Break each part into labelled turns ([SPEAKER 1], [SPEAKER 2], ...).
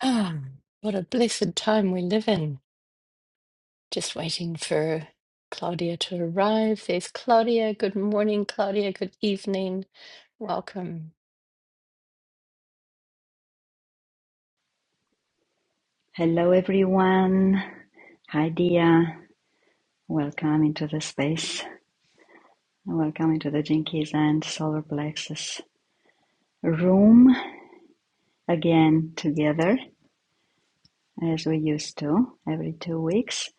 [SPEAKER 1] Ah, what a blessed time we live in. Just waiting for Claudia to arrive. There's Claudia. Good morning, Claudia. Good evening. Welcome.
[SPEAKER 2] Hello, everyone. Hi, Dia. Welcome into the space. Welcome into the Jinkies and Solar Plexus room again together as we used to every two weeks.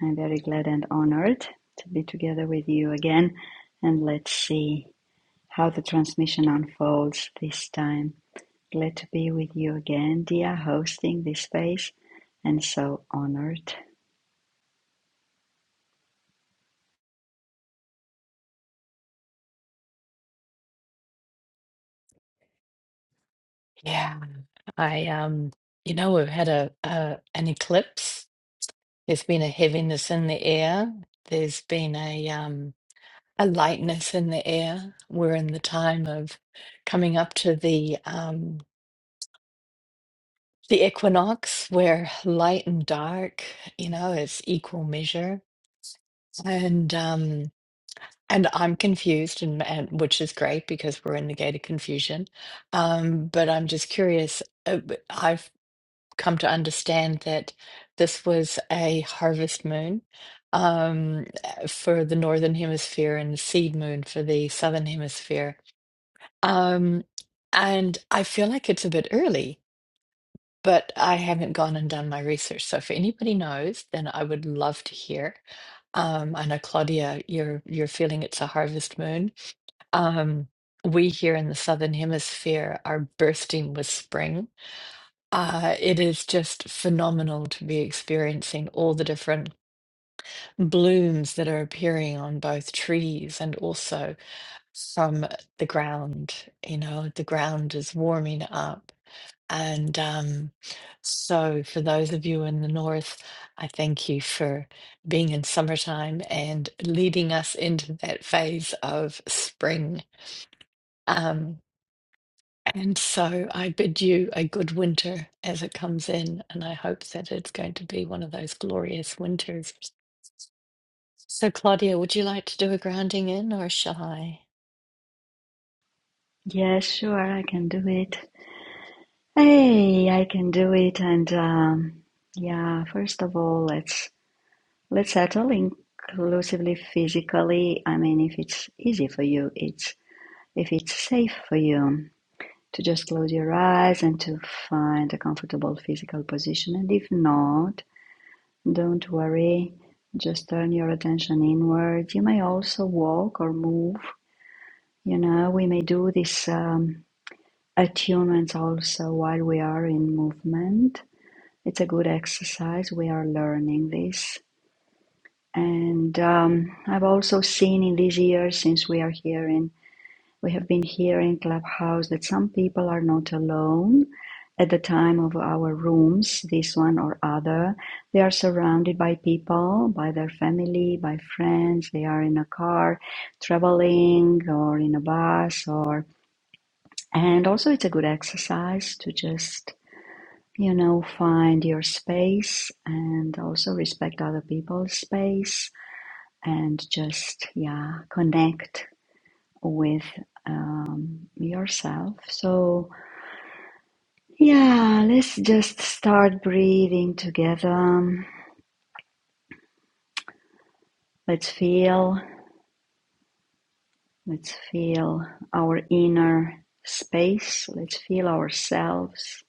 [SPEAKER 2] I'm very glad and honored to be together with you again. And let's see how the transmission unfolds this time. Glad to be with you again, Dia, hosting this space and so honored.
[SPEAKER 1] Yeah, I um, you know, we've had a, a an eclipse. There's been a heaviness in the air. There's been a um a lightness in the air. We're in the time of coming up to the um the equinox where light and dark, you know, is equal measure And um and I'm confused and, and which is great because we're in the gate of confusion. Um, but I'm just curious. uh, b- I've come to understand that this was a harvest moon um uh, for the northern hemisphere and the seed moon for the southern hemisphere. Um and I feel like it's a bit early, but I haven't gone and done my research. So if anybody knows, then I would love to hear. Um, I know Claudia, you're you're feeling it's a harvest moon. Um, we here in the Southern Hemisphere are bursting with spring. Uh, it is just phenomenal to be experiencing all the different blooms that are appearing on both trees and also from the ground. You know, the ground is warming up. And um, so, for those of you in the north, I thank you for being in summertime and leading us into that phase of spring. Um, and so, I bid you a good winter as it comes in, and I hope that it's going to be one of those glorious winters. So, Claudia, would you like to do a grounding in, or shall I?
[SPEAKER 2] Yes, sure, I can do it. Hey, I can do it. And um, yeah, first of all, let's let's settle inclusively physically. I mean, if it's easy for you, it's if it's safe for you to just close your eyes and to find a comfortable physical position. And if not, don't worry. Just turn your attention inward. You may also walk or move. You know, we may do this um, attunements also while we are in movement it's a good exercise. We are learning this. And um, I've also seen in these years since we are here in, we have been here in Clubhouse that some people are not alone at the time of our rooms, this one or other. They are surrounded by people, by their family, by friends. They are in a car traveling or in a bus or, and also it's a good exercise to just you know, find your space and also respect other people's space and just, yeah, connect with um, yourself. So, yeah, let's just start breathing together. Let's feel, let's feel our inner space, let's feel ourselves.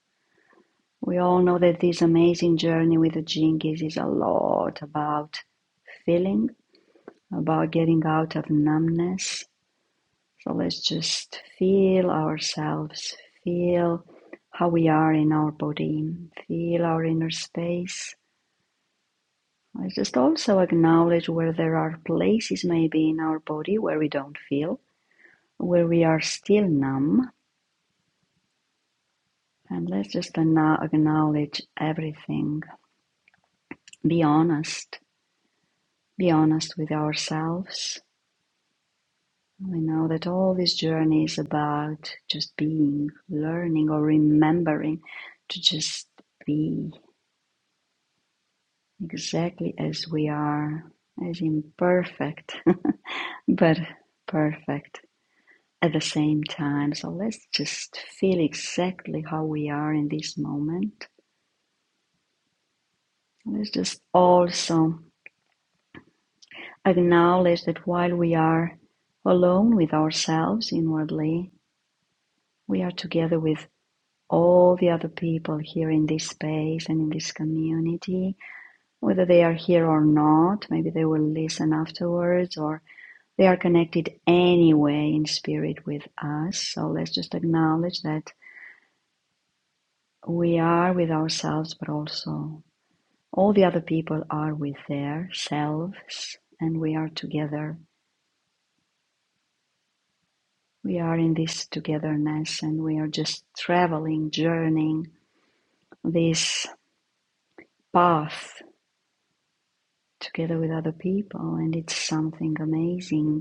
[SPEAKER 2] We all know that this amazing journey with the Jinkies is a lot about feeling about getting out of numbness. So let's just feel ourselves, feel how we are in our body, feel our inner space. Let's just also acknowledge where there are places maybe in our body where we don't feel, where we are still numb. And let's just ana- acknowledge everything. Be honest. Be honest with ourselves. We know that all this journey is about just being, learning or remembering to just be exactly as we are, as imperfect, but perfect at the same time. So let's just feel exactly how we are in this moment. Let's just also acknowledge that while we are alone with ourselves inwardly, we are together with all the other people here in this space and in this community, whether they are here or not. Maybe they will listen afterwards or they are connected anyway in spirit with us. So let's just acknowledge that we are with ourselves, but also all the other people are with their selves and we are together. We are in this togetherness and we are just traveling, journeying this path together with other people and it's something amazing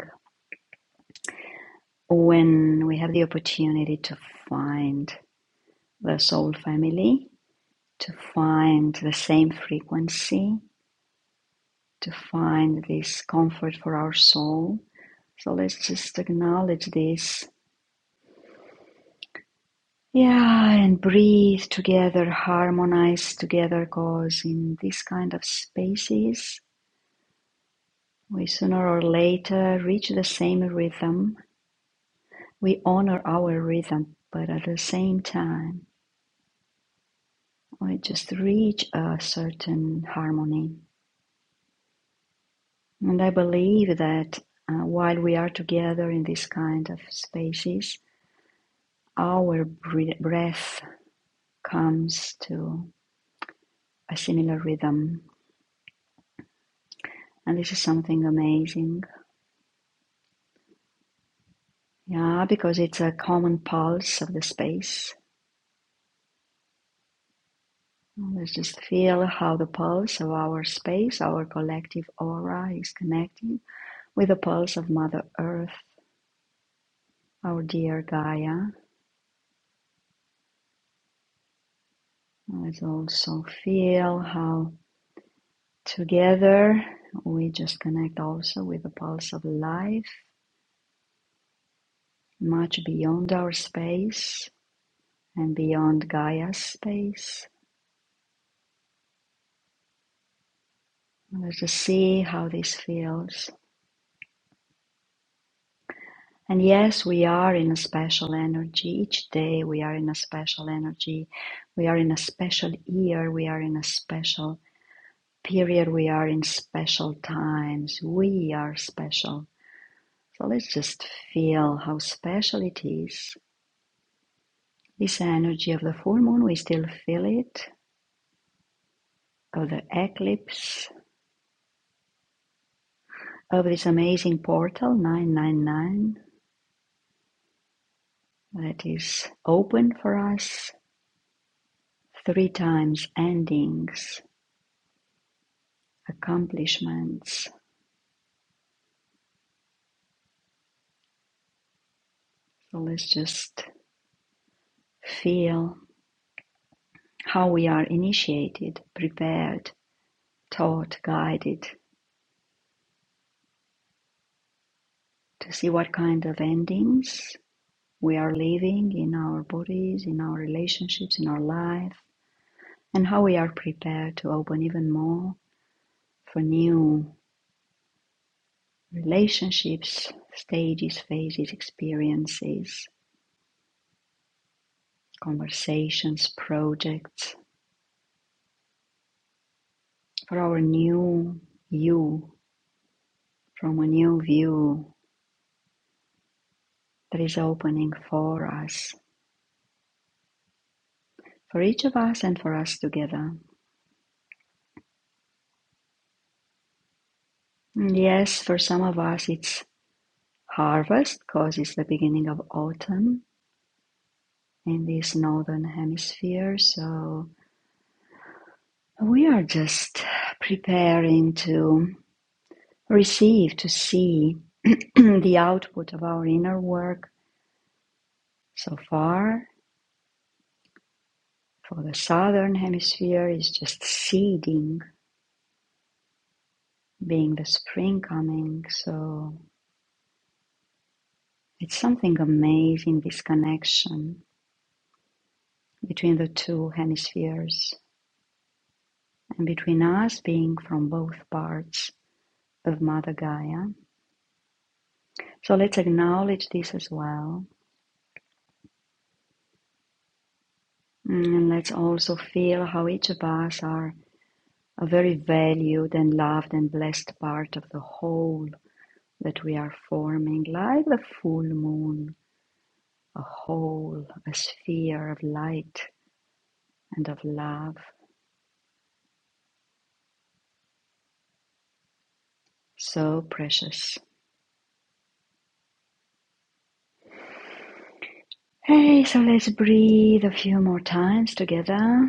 [SPEAKER 2] when we have the opportunity to find the soul family to find the same frequency to find this comfort for our soul so let's just acknowledge this yeah and breathe together harmonize together cause in this kind of spaces we sooner or later reach the same rhythm we honor our rhythm, but at the same time, we just reach a certain harmony. And I believe that uh, while we are together in this kind of spaces, our breath comes to a similar rhythm. And this is something amazing. Yeah, because it's a common pulse of the space. Let's just feel how the pulse of our space, our collective aura, is connecting with the pulse of Mother Earth Our dear Gaia. Let's also feel how together we just connect also with the pulse of life, much beyond our space and beyond Gaia's space. Let's just see how this feels. And yes, we are in a special energy. Each day we are in a special energy. We are in a special year. We are in a special period. We are in special times. We are special So let's just feel how special it is. This energy of the full moon, we still feel it, of the eclipse, of this amazing portal 999 that is open for us three times endings, accomplishments. So let's just feel how we are initiated, prepared, taught, guided to see what kind of endings we are living in our bodies, in our relationships, in our life, and how we are prepared to open even more for new relationships, stages, phases, experiences, conversations, projects, for our new you, from a new view that is opening for us, for each of us and for us together. And yes, for some of us it's harvest because it's the beginning of autumn in this northern hemisphere. So we are just preparing to receive, to see the output of our inner work so far. For the southern hemisphere is just seeding, being the spring coming. So it's something amazing, this connection between the two hemispheres and between us being from both parts of Mother Gaia. So let's acknowledge this as well Mm, And let's also feel how each of us are a very valued and loved and blessed part of the whole that we are forming, like the full moon, a whole, a sphere of light and of love, so precious. Hey, so let's breathe a few more times together,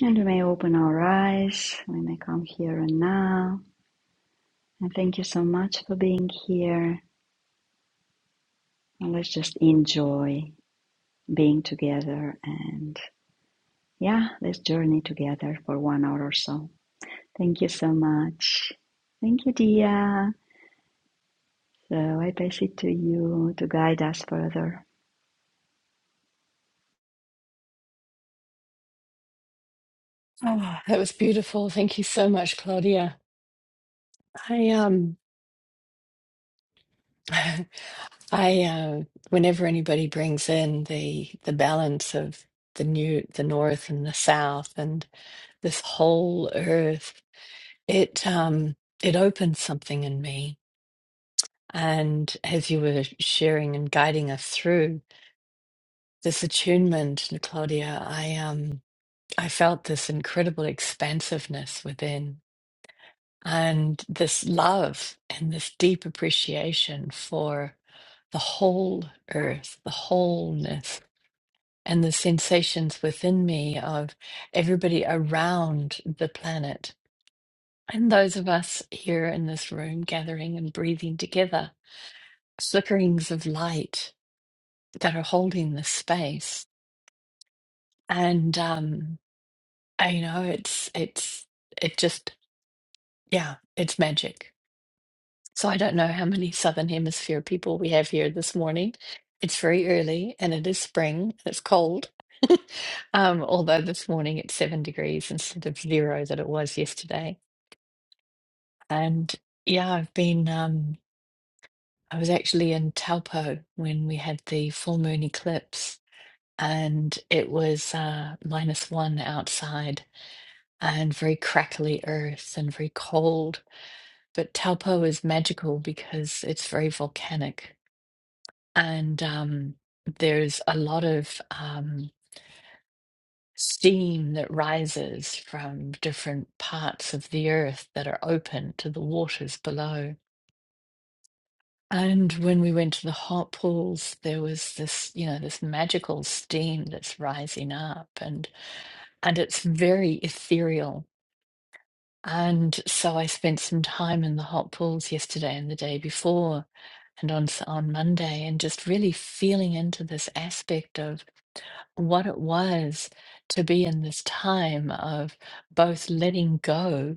[SPEAKER 2] and we may open our eyes, we may come here and now. And thank you so much for being here. And let's just enjoy being together and yeah, let's journey together for one hour or so. Thank you so much. Thank you, Dia. So I pass it to you to guide us further.
[SPEAKER 1] Oh, That was beautiful. Thank you so much, Claudia. I um. I uh, whenever anybody brings in the the balance of the new the north and the south and this whole earth, it um it opened something in me. And as you were sharing and guiding us through this attunement, Claudia, I um I felt this incredible expansiveness within and this love and this deep appreciation for. the whole earth, the wholeness, and the sensations within me of everybody around the planet. And those of us here in this room gathering and breathing together, flickerings of light that are holding the space. And um, I, you know, it's, it's, it just, yeah, it's magic. So I don't know how many Southern Hemisphere people we have here this morning. It's very early and it is spring and it's cold. Um, although this morning it's seven degrees instead of zero that it was yesterday. And yeah, I've been, um, I was actually in Taupo when we had the full moon eclipse and it was uh, minus one outside and very crackly earth and very cold. But Taupo is magical because it's very volcanic. and um, there's a lot of um, steam that rises from different parts of the earth that are open to the waters below. And when we went to the hot pools, there was this, you know, this magical steam that's rising up, and and it's very ethereal. And so I spent some time in the hot pools yesterday and the day before, and on s- on Monday, and just really feeling into this aspect of what it was to be in this time of both letting go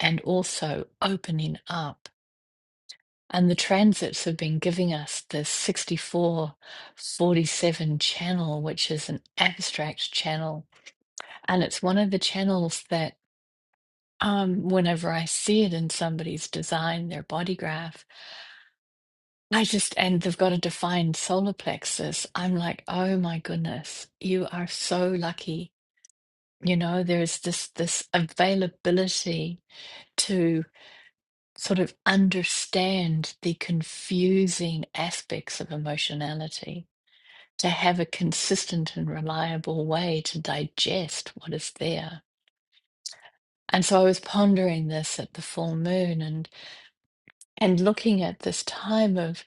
[SPEAKER 1] and also opening up. And the transits have been giving us this 64, 47 channel, which is an abstract channel. And it's one of the channels that, um, whenever I see it in somebody's design, their body graph, I just, and they've got a defined solar plexus, I'm like, oh my goodness, you are so lucky You know, there's this this availability to sort of understand the confusing aspects of emotionality, to have a consistent and reliable way to digest what is there. And so I was pondering this at the full moon and and looking at this time of,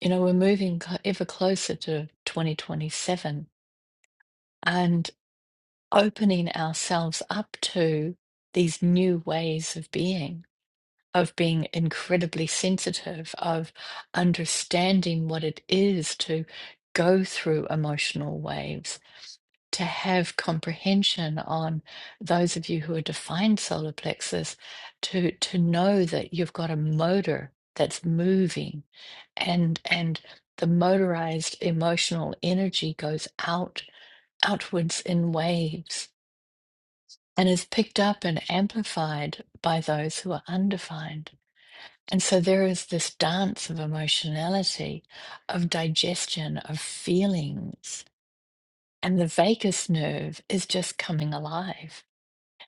[SPEAKER 1] you know, we're moving cl- ever closer to 2027 and opening ourselves up to these new ways of being of being incredibly sensitive, of understanding what it is to go through emotional waves, to have comprehension on those of you who are defined solar plexus, to to know that you've got a motor that's moving and and the motorized emotional energy goes out outwards in waves and is picked up and amplified by those who are undefined and so there is this dance of emotionality, of digestion, of feelings. And the vagus nerve is just coming alive.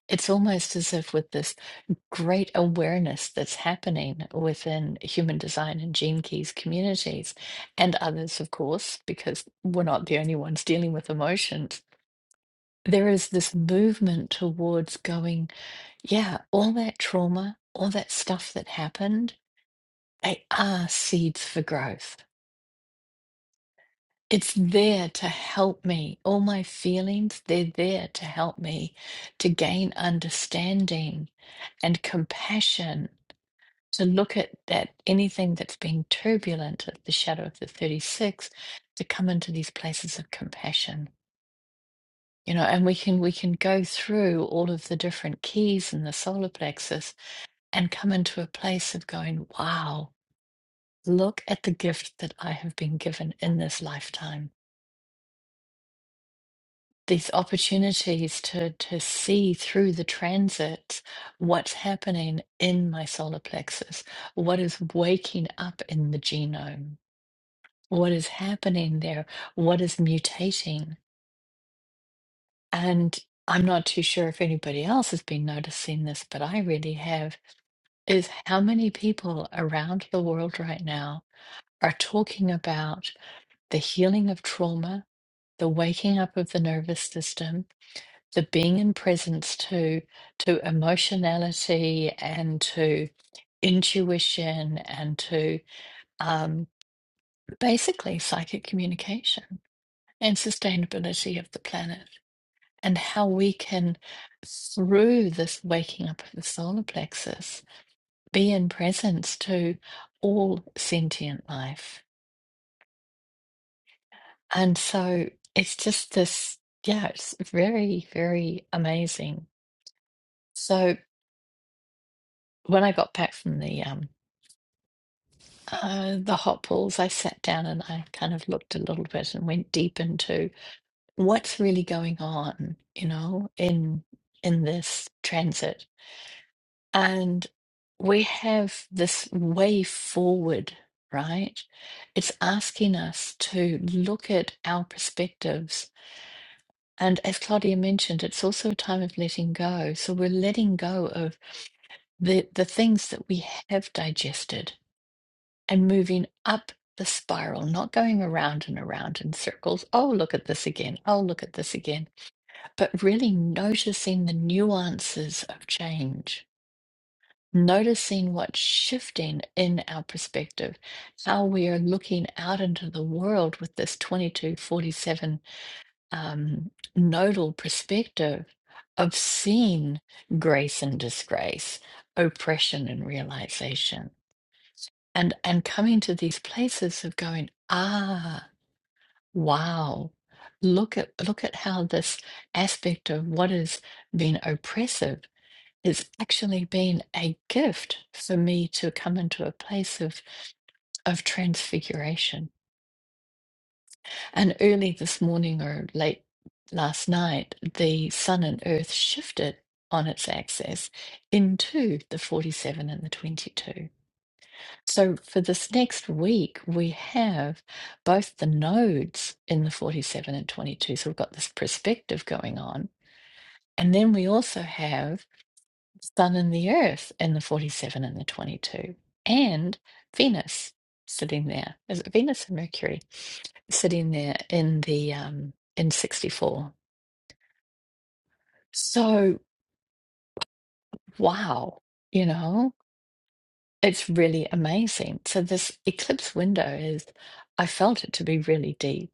[SPEAKER 1] It's almost as if, with this great awareness that's happening within human design and Gene Keys communities, and others, of course, because we're not the only ones dealing with emotions, there is this movement towards going yeah, all that trauma, all that stuff that happened, They are seeds for growth. It's there to help me. All my feelings, they're there to help me to gain understanding and compassion, to look at that anything that's been turbulent at the shadow of the 36, to come into these places of compassion. You know, and we can we can go through all of the different keys in the solar plexus and come into a place of going, wow, look at the gift that I have been given in this lifetime these opportunities to to see through the transits what's happening in my solar plexus, what is waking up in the genome, what is happening there, what is mutating. And I'm not too sure if anybody else has been noticing this, but I really have, is how many people around the world right now are talking about the healing of trauma, the waking up of the nervous system, to being in presence to to emotionality and to intuition and to um, basically psychic communication and sustainability of the planet and how we can through this waking up of the solar plexus be in presence to all sentient life and so it's just this yeah it's very very amazing so when i got back from the um uh, the hot pools, I sat down and I kind of looked a little bit and went deep into what's really going on, you know, in in this transit. And we have this way forward, right? It's asking us to look at our perspectives. And as Claudia mentioned, it's also a time of letting go. So we're letting go of the, the things that we have digested and moving up the spiral, not going around and around in circles. Oh, look at this again. Oh, look at this again. But really noticing the nuances of change, noticing what's shifting in our perspective, how we are looking out into the world with this 2247 um, nodal perspective of seeing grace and disgrace, oppression and realization and and coming to these places of going ah wow look at look at how this aspect of what has been oppressive has actually been a gift for me to come into a place of of transfiguration and early this morning or late last night the sun and earth shifted on its axis into the 47 and the 22 So for this next week, we have both the nodes in the 47 and 22. So we've got this perspective going on. And then we also have Sun and the Earth in the 47 and the 22, and Venus sitting there. Is it Venus and Mercury sitting there in the um in 64? So wow, you know, it's really amazing. So this eclipse window is, I felt it to be really deep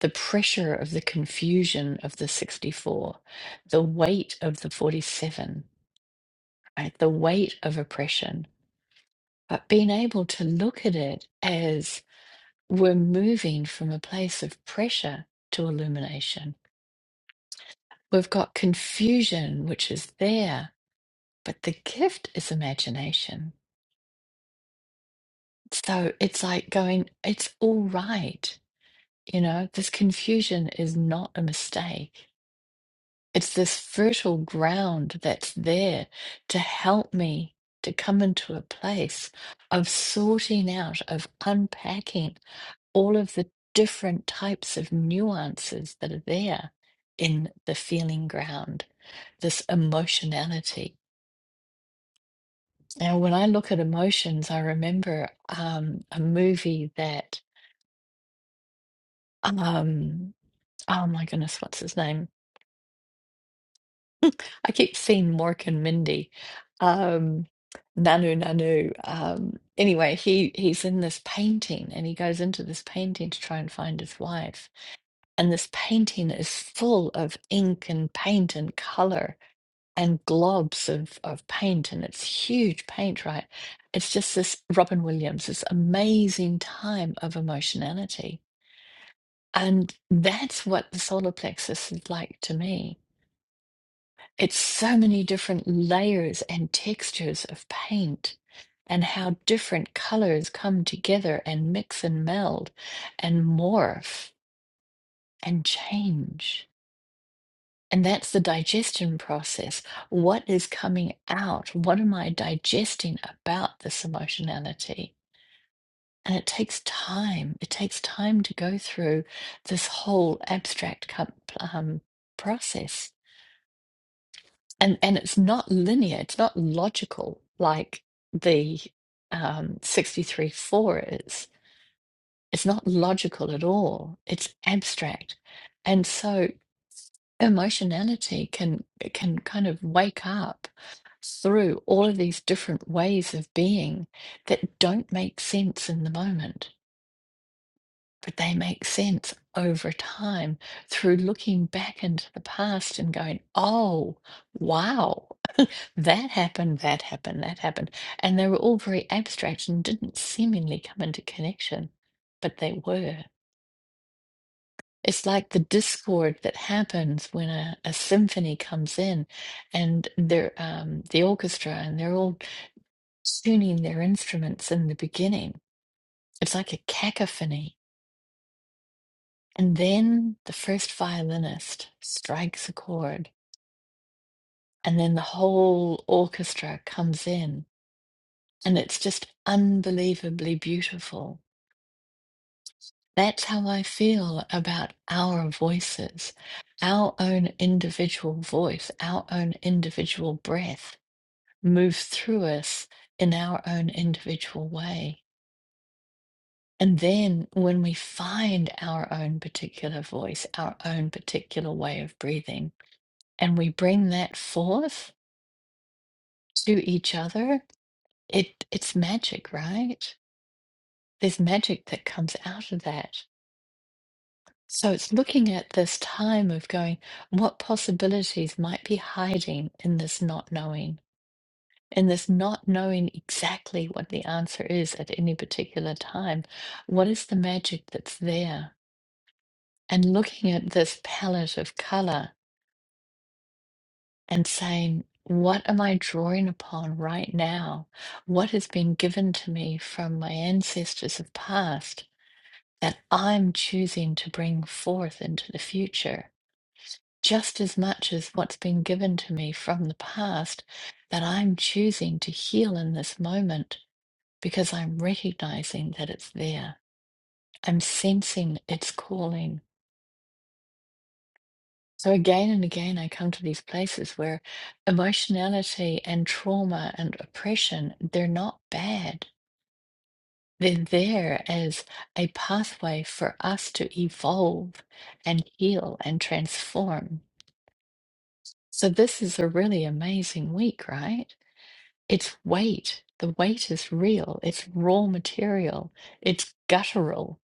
[SPEAKER 1] the pressure of the confusion of the 64, the weight of the 47, right? the weight of oppression, but being able to look at it as we're moving from a place of pressure to illumination. We've got confusion, which is there, but the gift is imagination. So it's like going, it's all right. You know, this confusion is not a mistake It's this fertile ground that's there to help me to come into a place of sorting out, of unpacking all of the different types of nuances that are there in the feeling ground, this emotionality. Now, when I look at emotions, I remember um, a movie that, um, oh my goodness, what's his name? I keep seeing Mork and Mindy. Um, Nanu Nanu. Um, anyway, he he's in this painting and he goes into this painting to try and find his wife. And this painting is full of ink and paint and color and globs of, of paint and it's huge paint, right? It's just this Robin Williams, this amazing time of emotionality. And that's what the solar plexus is like to me it's so many different layers and textures of paint, and how different colors come together and mix and meld and morph and change. And that's the digestion process. What is coming out? What am I digesting about this emotionality? And it takes time. It takes time to go through this whole abstract com- um, process and and it's not linear it's not logical like the um 63 4 is it's not logical at all it's abstract and so emotionality can can kind of wake up through all of these different ways of being that don't make sense in the moment but they make sense over time through looking back into the past and going oh wow that happened, that happened, that happened. And they were all very abstract and didn't seemingly come into connection, but they were. It's like the discord that happens when a, a symphony comes in and they're, um, the orchestra and they're all tuning their instruments in the beginning. It's like a cacophony. And then the first violinist strikes a chord, and then the whole orchestra comes in, and it's just unbelievably beautiful That's how I feel about our voices, our own individual voice, our own individual breath moves through us in our own individual way. And then when we find our own particular voice, our own particular way of breathing, and we bring that forth to each other, it, it's magic, right? There's magic that comes out of that. So it's looking at this time of going, what possibilities might be hiding in this not knowing, in this not knowing exactly what the answer is at any particular time. What is the magic that's there? And looking at this palette of color and saying, what am I drawing upon right now? What has been given to me from my ancestors of past that I'm choosing to bring forth into the future? just as much as what's been given to me from the past that I'm choosing to heal in this moment because I'm recognizing that it's there. I'm sensing it's calling. So again and again, I come to these places where emotionality and trauma and oppression, they're not bad. They're there as a pathway for us to evolve and heal and transform. So this is a really amazing week, right? It's weight. The weight is real. It's raw material. It's guttural.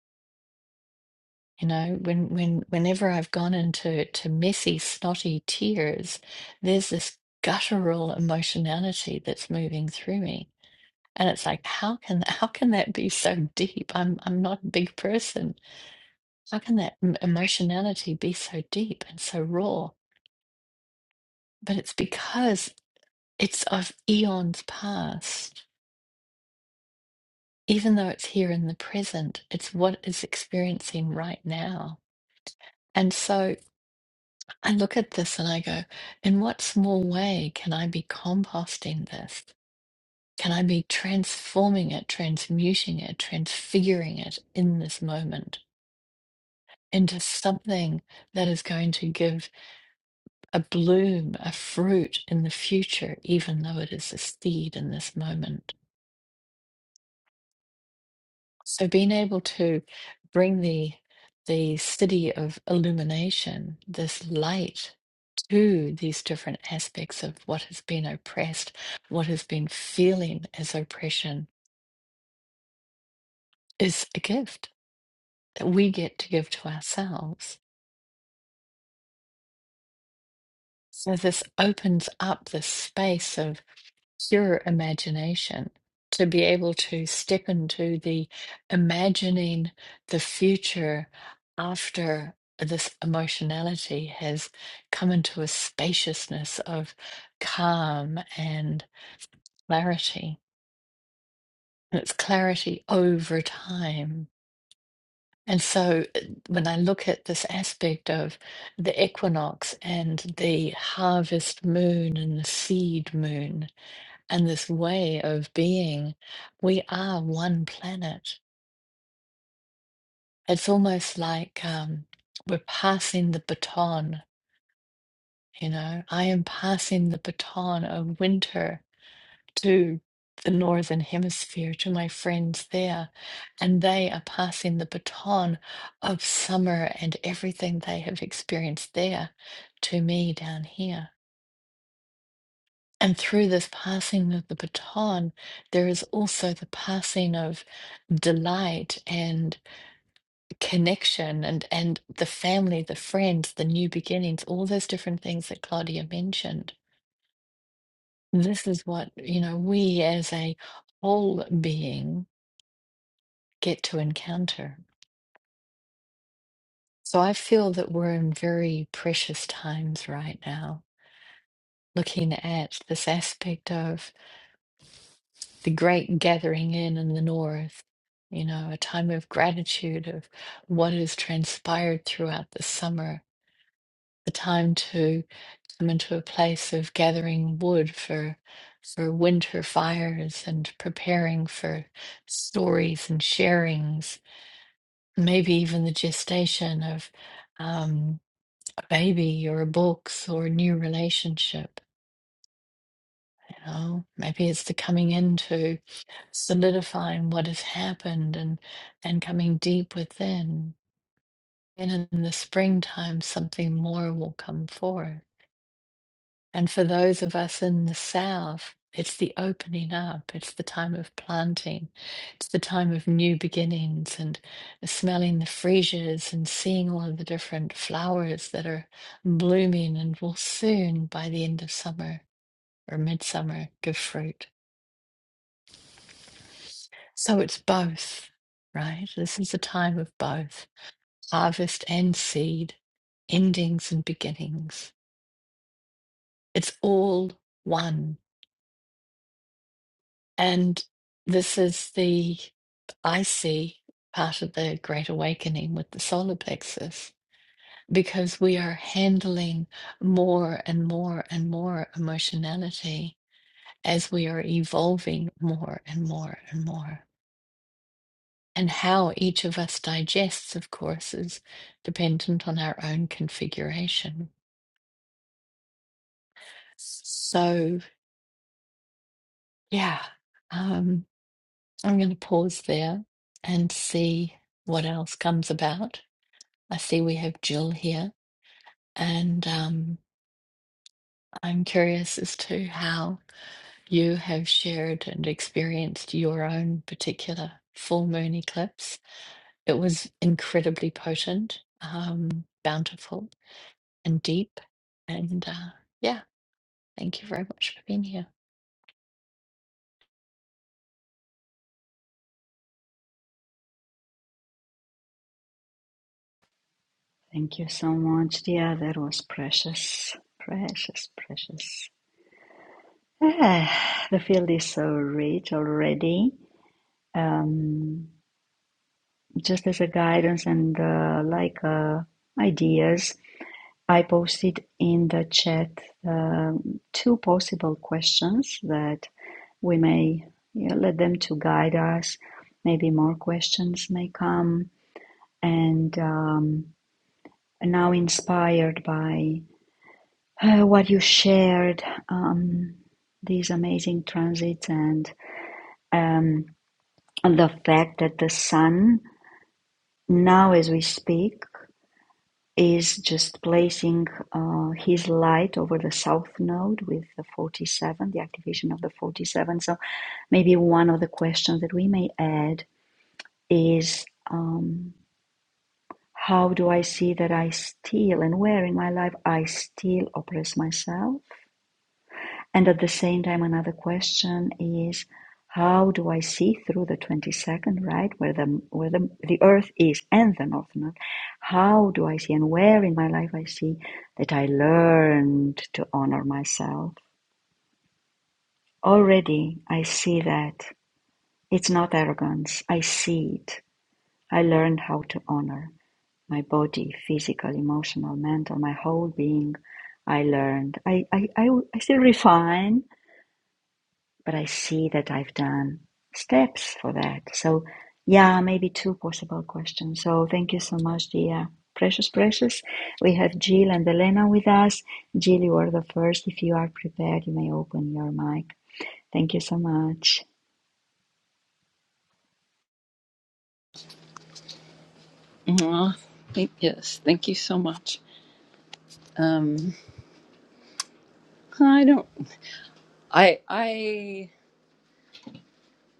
[SPEAKER 1] You know, when when whenever I've gone into to messy, snotty tears, there's this guttural emotionality that's moving through me. And it's like, how can how can that be so deep? I'm I'm not a big person. How can that m- emotionality be so deep and so raw? But it's because it's of eons past even though it's here in the present, it's what is experiencing right now. And so I look at this and I go, in what small way can I be composting this? Can I be transforming it, transmuting it, transfiguring it in this moment into something that is going to give a bloom, a fruit in the future, even though it is a seed in this moment? So being able to bring the the city of illumination, this light to these different aspects of what has been oppressed, what has been feeling as oppression is a gift that we get to give to ourselves. So this opens up this space of. pure imagination, to be able to step into the imagining the future after this emotionality has come into a spaciousness of calm and clarity. And it's clarity over time. And so uh, when I look at this aspect of the equinox and the harvest moon and the seed moon, and this way of being, we are one planet. It's almost like um, we're passing the baton, you know. I am passing the baton of winter to the Northern Hemisphere, to my friends there, and they are passing the baton of summer and everything they have experienced there to me down here. And through this passing of the baton, there is also the passing of delight and connection and, and the family, the friends, the new beginnings, all those different things that Claudia mentioned. This is what, you know, we as a whole being get to encounter. So I feel that we're in very precious times right now, looking at this aspect of the great gathering in in the north, you know, a time of gratitude of what has transpired throughout the summer, the time to come into a place of gathering wood for for winter fires and preparing for stories and sharings, maybe even the gestation of um, a baby or a book or a new relationship Oh, maybe it's the coming into solidifying what has happened and and coming deep within. And in the springtime, something more will come forth. And for those of us in the south, it's the opening up. It's the time of planting. It's the time of new beginnings and smelling the freesias and seeing all of the different flowers that are blooming and will soon, by the end of summer or midsummer, give fruit. So it's both, right? This is a time of both harvest and seed, endings and beginnings. It's all one. And this is the, I see, part of the Great Awakening with the solar plexus, because we are handling more and more and more emotionality as we are evolving more and more and more. And how each of us digests, of course, is dependent on our own configuration. So, yeah, um, I'm going to pause there and see what else comes about. I see we have Jill here, and um, I'm curious as to how you have shared and experienced your own particular full moon eclipse. It was incredibly potent, um, bountiful and deep. And uh, yeah, thank you very much for being here.
[SPEAKER 2] Thank you so much, Dia. That was precious, precious, precious. Ah, the field is so rich already. Um, just as a guidance and uh, like uh, ideas, I posted in the chat um two possible questions that we may you know, let them to guide us. Maybe more questions may come. And um, now, inspired by uh, what you shared, um, these amazing transits and um, the fact that the sun now, as we speak, is just placing uh, his light over the south node with the 47, the activation of the 47. So maybe one of the questions that we may add is um, how do I see that I still and where in my life I still oppress myself? And at the same time, another question is how do I see through the 22nd, right, where the, where the, the earth is and the north node? How do I see and where in my life I see that I learned to honor myself? Already I see that. It's not arrogance. I see it. I learned how to honor. my body, physical, emotional, mental, my whole being. I learned. I, I, I, I still refine, but I see that I've done steps for that. So, yeah, maybe two possible questions. So, thank you so much, dear. Precious, precious. We have Jill and Elena with us. Jill, you are the first. If you are prepared, you may open your mic. Thank you so much.
[SPEAKER 3] Aw, thank, yes, thank you so much. Um, I don't. I I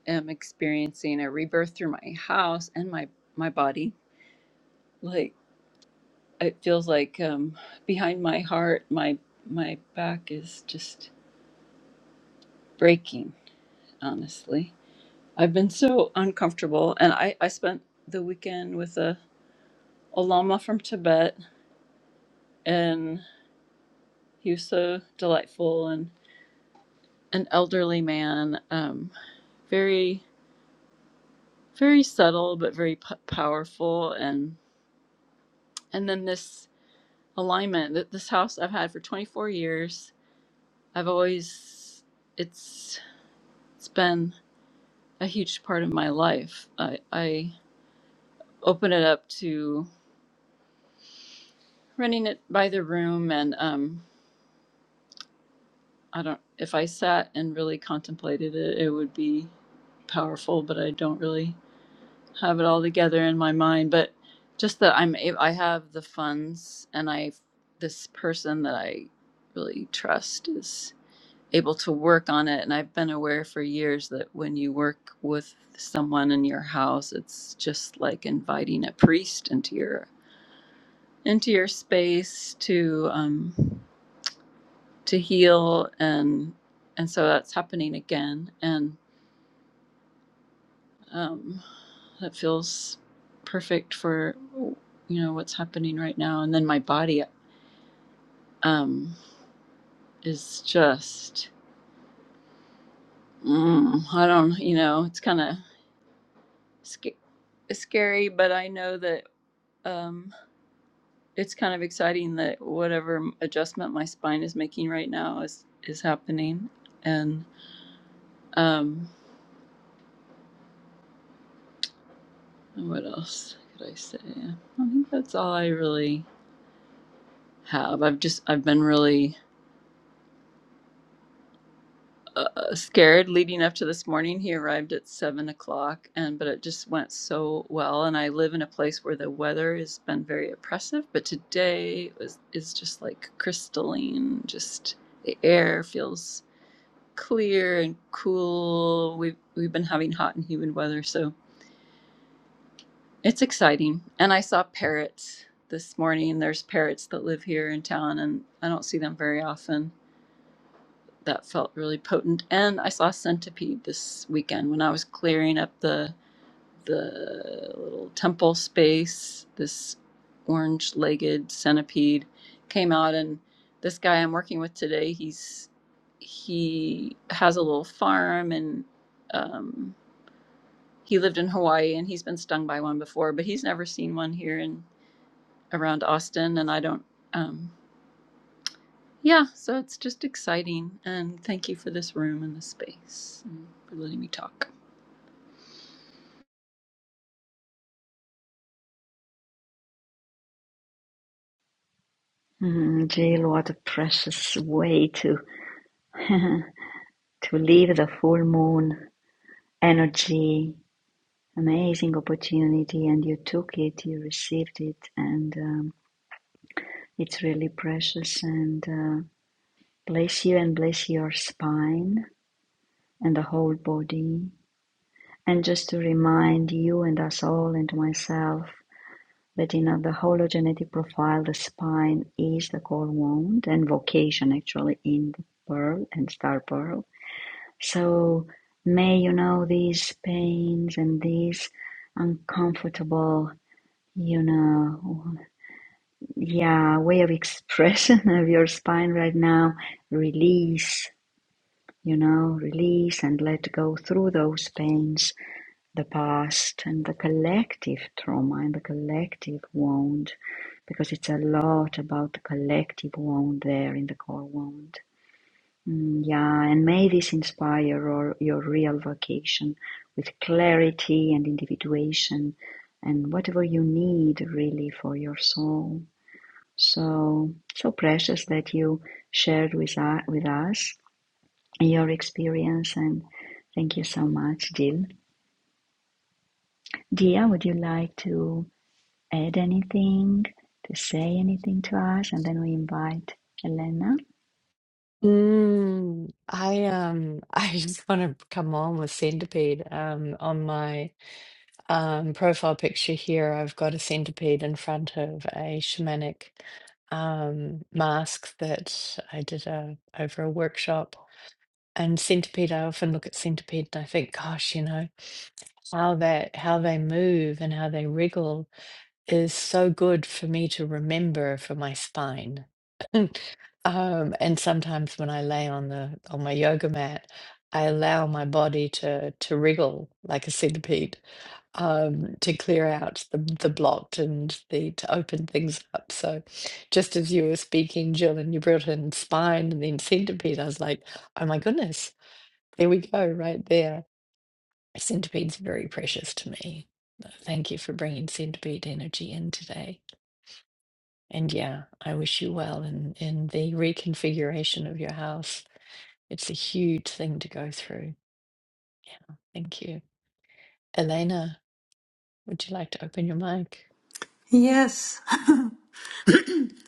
[SPEAKER 3] am experiencing a rebirth through my house and my my body. Like it feels like um, behind my heart, my my back is just breaking. Honestly, I've been so uncomfortable, and I I spent the weekend with a, a lama from Tibet, and he was so delightful and an elderly man. Um, very very subtle but very p- powerful and and then this alignment that this house I've had for 24 years I've always it's it's been a huge part of my life I, I open it up to running it by the room and um I don't if I sat and really contemplated it it would be powerful but I don't really have it all together in my mind but just that i'm a- i have the funds and i this person that i really trust is able to work on it and i've been aware for years that when you work with someone in your house it's just like inviting a priest into your into your space to um to heal and and so that's happening again and. um, that feels perfect for you know what's happening right now and then my body um is just mm, i don't you know it's kind of sc- scary but i know that um it's kind of exciting that whatever adjustment my spine is making right now is is happening and um and what else could i say i think that's all i really have i've just i've been really uh, scared leading up to this morning. He arrived at seven o'clock, and but it just went so well. And I live in a place where the weather has been very oppressive, but today was is just like crystalline. Just the air feels clear and cool. We've we've been having hot and humid weather, so it's exciting. And I saw parrots this morning. There's parrots that live here in town, and I don't see them very often that felt really potent. And I saw Centipede this weekend when I was clearing up the the little temple space. This orange-legged centipede came out, and this guy I'm working with today, he's he has a little farm, and um, he lived in Hawaii, and he's been stung by one before, but he's never seen one here in around Austin, and I don't. Um, Yeah, so it's just exciting. And thank you for this room and this space and for letting me talk.
[SPEAKER 2] Mm, Jill, what a precious way to, to live the full moon energy amazing opportunity and you took it, you received it, and um, it's really precious. And uh, bless you and bless your spine and the whole body. And just to remind you and us all and myself that in the hologenetic profile, the spine is the core wound and vocation actually in the pearl and star pearl. So may you know these pains and these uncomfortable you know yeah way of expression of your spine right now release you know release and let go through those pains the past and the collective trauma and the collective wound because it's a lot about the collective wound there in the core wound Mm, yeah and may this inspire your your real vocation with clarity and individuation and whatever you need really for your soul so so precious that you shared with us, with us your experience and thank you so much Jill Dia would you like to add anything to say anything to us and then we invite Elena
[SPEAKER 1] Mm, I um I just want to come on with centipede. Um, on my um profile picture here, I've got a centipede in front of a shamanic um mask that I did uh over a workshop. And centipede, I often look at centipede and I think, gosh, you know, how that how they move and how they wriggle is so good for me to remember for my spine. Um, and sometimes when I lay on the on my yoga mat, I allow my body to to wriggle like a centipede, um, to clear out the the blocked and the to open things up. So, just as you were speaking, Jill, and you brought in spine and then centipede, I was like, oh my goodness, there we go, right there. Centipede's very precious to me. Thank you for bringing centipede energy in today. And yeah, I wish you well in in the reconfiguration of your house. It's a huge thing to go through. Yeah, thank you. Elena, would you like to open your mic?
[SPEAKER 4] Yes,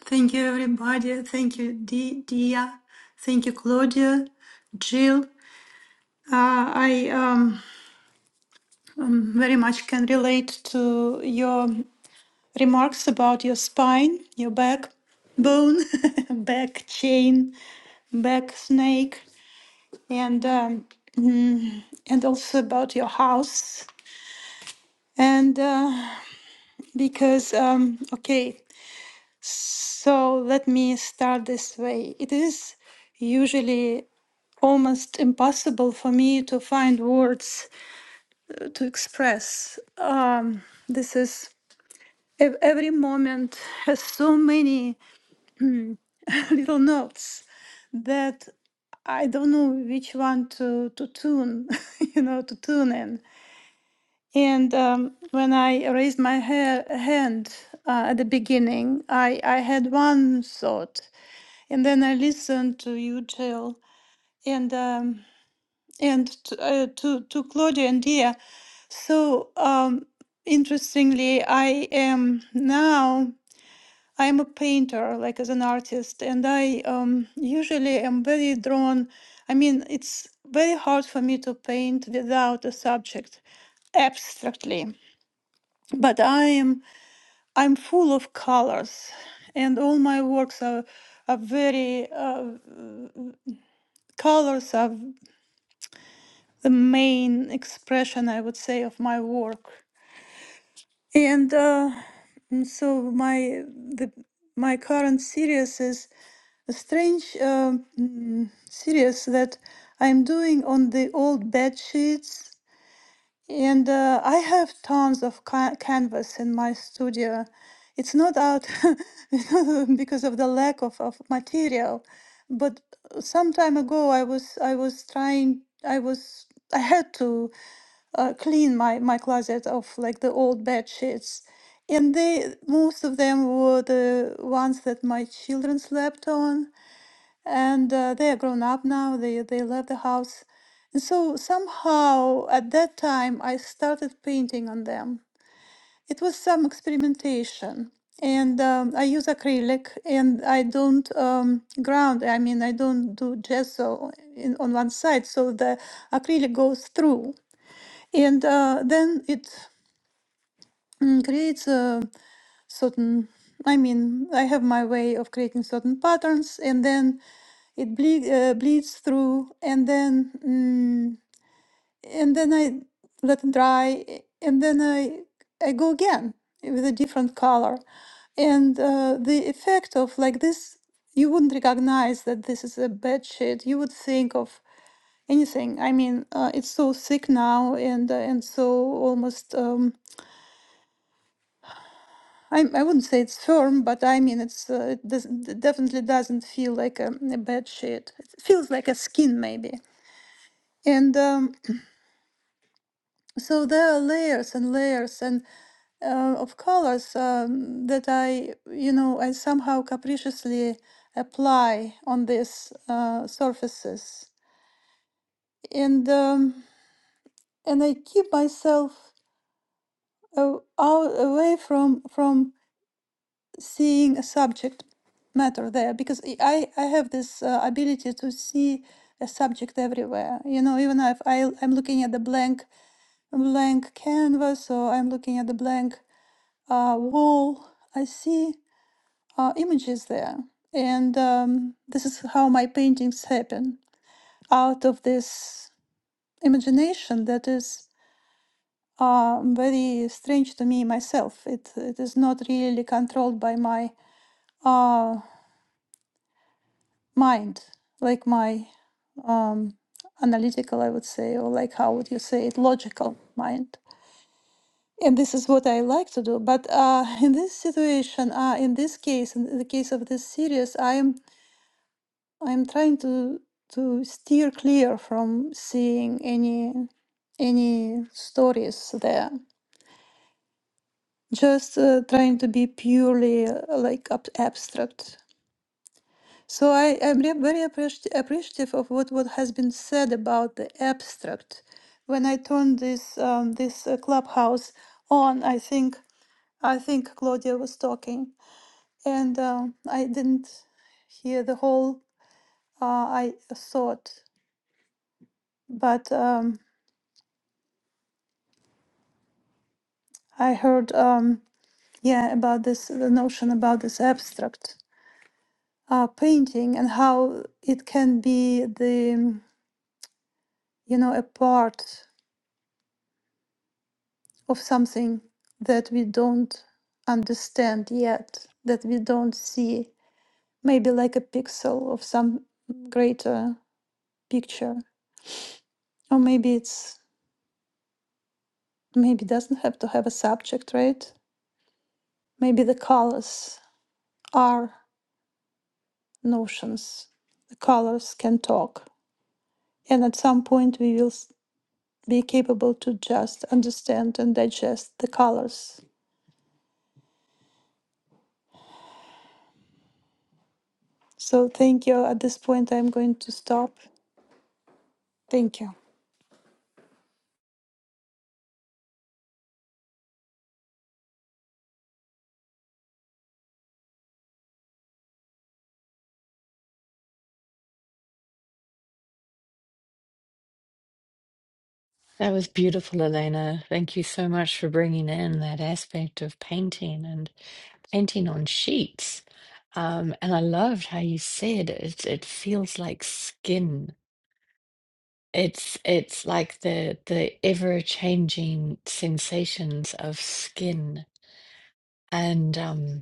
[SPEAKER 4] thank you, everybody. Thank you, D- Dia. Thank you, Claudia, Jill. Uh, I um, um, very much can relate to your remarks about your spine, your back bone, back chain, back snake, and um, mm, and also about your house. And uh, because um, okay. So let me start this way. It is usually almost impossible for me to find words to express. Um, this is ev- every moment has so many little notes that I don't know which one to to tune, you know, to tune in. And um, when I raised my ha- hand uh, at the beginning, I I had one thought, And then I listened to you, Jill, and um, and to, uh, to to Claudia and Dia. So um, interestingly, I am now I am a painter, like as an artist, and I um, usually am very drawn. I mean, it's very hard for me to paint without a subject abstractly, but I am I'm full of colors, and all my works are are very uh, colors are. the main expression, I would say, of my work. And uh, and so my the my current series is a strange uh, mm, series that I'm doing on the old bed sheets. And uh, I have tons of ca- canvas in my studio. It's not out it's not because of the lack of, of material, but uh, some time ago I was I was trying I was I had to uh, clean my my closet of like the old bed sheets and they most of them were the ones that my children slept on and uh, they are grown up now they they left the house and so somehow at that time i started painting on them it was some experimentation and um, i use acrylic and i don't um, ground i mean i don't do gesso in, on one side so the acrylic goes through and uh, then it mm, creates a certain, I mean, I have my way of creating certain patterns, and then it bleed, uh, bleeds through, and then mm, and then I let it dry, a- and then I I go again with a different color, and uh, the effect of like this, you wouldn't recognize that this is a bed sheet. You would think of anything. I mean, uh, it's so thick now, and uh, and so almost. Um, I, I wouldn't say it's firm, but I mean it's uh, it doesn't it definitely doesn't feel like a, a bed sheet. It feels like a skin maybe. And um, so there are layers and layers and uh, of colors um, that I you know I somehow capriciously apply on these uh, surfaces. And um, and I keep myself uh, out away from from seeing a subject matter there because i i I have this uh, ability to see a subject everywhere you know even if I, i'm looking at the blank blank canvas or i'm looking at the blank uh, wall i see uh, images there and um, this is how my paintings happen out of this imagination that is uh, very strange to me myself it, it is not really controlled by my uh, mind, like my um, analytical, I would say, or like how would you say it, logical mind. And this is what I like to do. But uh, in this situation, uh, in this case, in the case of this series, I am I am trying to to steer clear from seeing any any stories there. Just uh, trying to be purely uh, like ab- abstract So I am re- very appreci- appreciative of what, what has been said about the abstract. When I turned this um, this uh, clubhouse on, I think I think Claudia was talking, and um I didn't hear the whole uh, I thought, but um, I heard um, yeah about this the notion about this abstract uh, painting and how it can be the you know a part. of something that we don't understand yet, that we don't see, maybe like a pixel of some greater picture. Or maybe it's maybe doesn't have to have a subject, right? Maybe the colors are notions. The colors can talk. And at some point we will be capable to just understand and digest the colors. So thank you. At this point I'm going to stop. Thank you.
[SPEAKER 1] That was beautiful, Elena. Thank you so much for bringing in that aspect of painting and painting on sheets. Um, and I loved how you said it, it feels like skin. It's it's like the the ever changing sensations of skin. And um,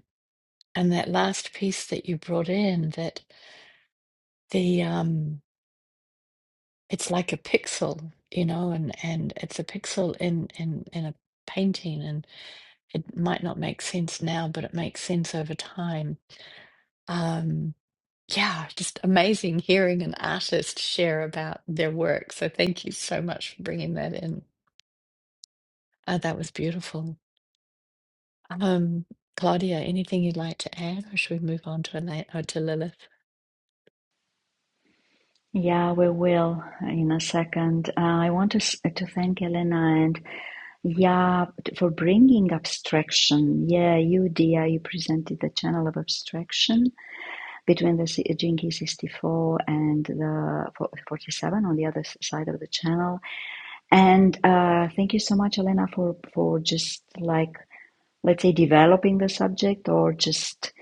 [SPEAKER 1] And that last piece that you brought in, that the um, it's like a pixel, you know, and and it's a pixel in in in a painting, and it might not make sense now, but it makes sense over time. Um, yeah, just amazing hearing an artist share about their work. So thank you so much for bringing that in. Uh, that was beautiful. Um, Claudia, anything you'd like to add, or should we move on to Elaine or to Lilith?
[SPEAKER 2] yeah we will in a second uh, I want to to thank Elena and yeah for bringing abstraction yeah you Dia you presented the channel of abstraction between the Jinky 64 and the 47 on the other side of the channel. And uh, thank you so much, Elena, for for just like let's say developing the subject or just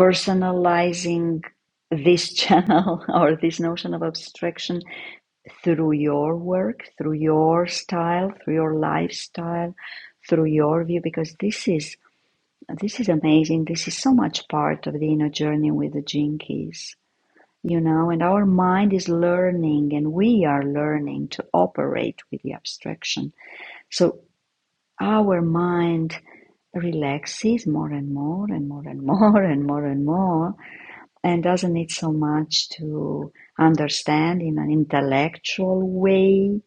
[SPEAKER 2] personalizing this channel or this notion of abstraction through your work, through your style, through your lifestyle, through your view, because this is this is amazing. This is so much part of the inner journey with the Jinkies you know, and our mind is learning and we are learning to operate with the abstraction. So our mind relaxes more and more and more and more and more and more and doesn't need so much to understand in an intellectual way.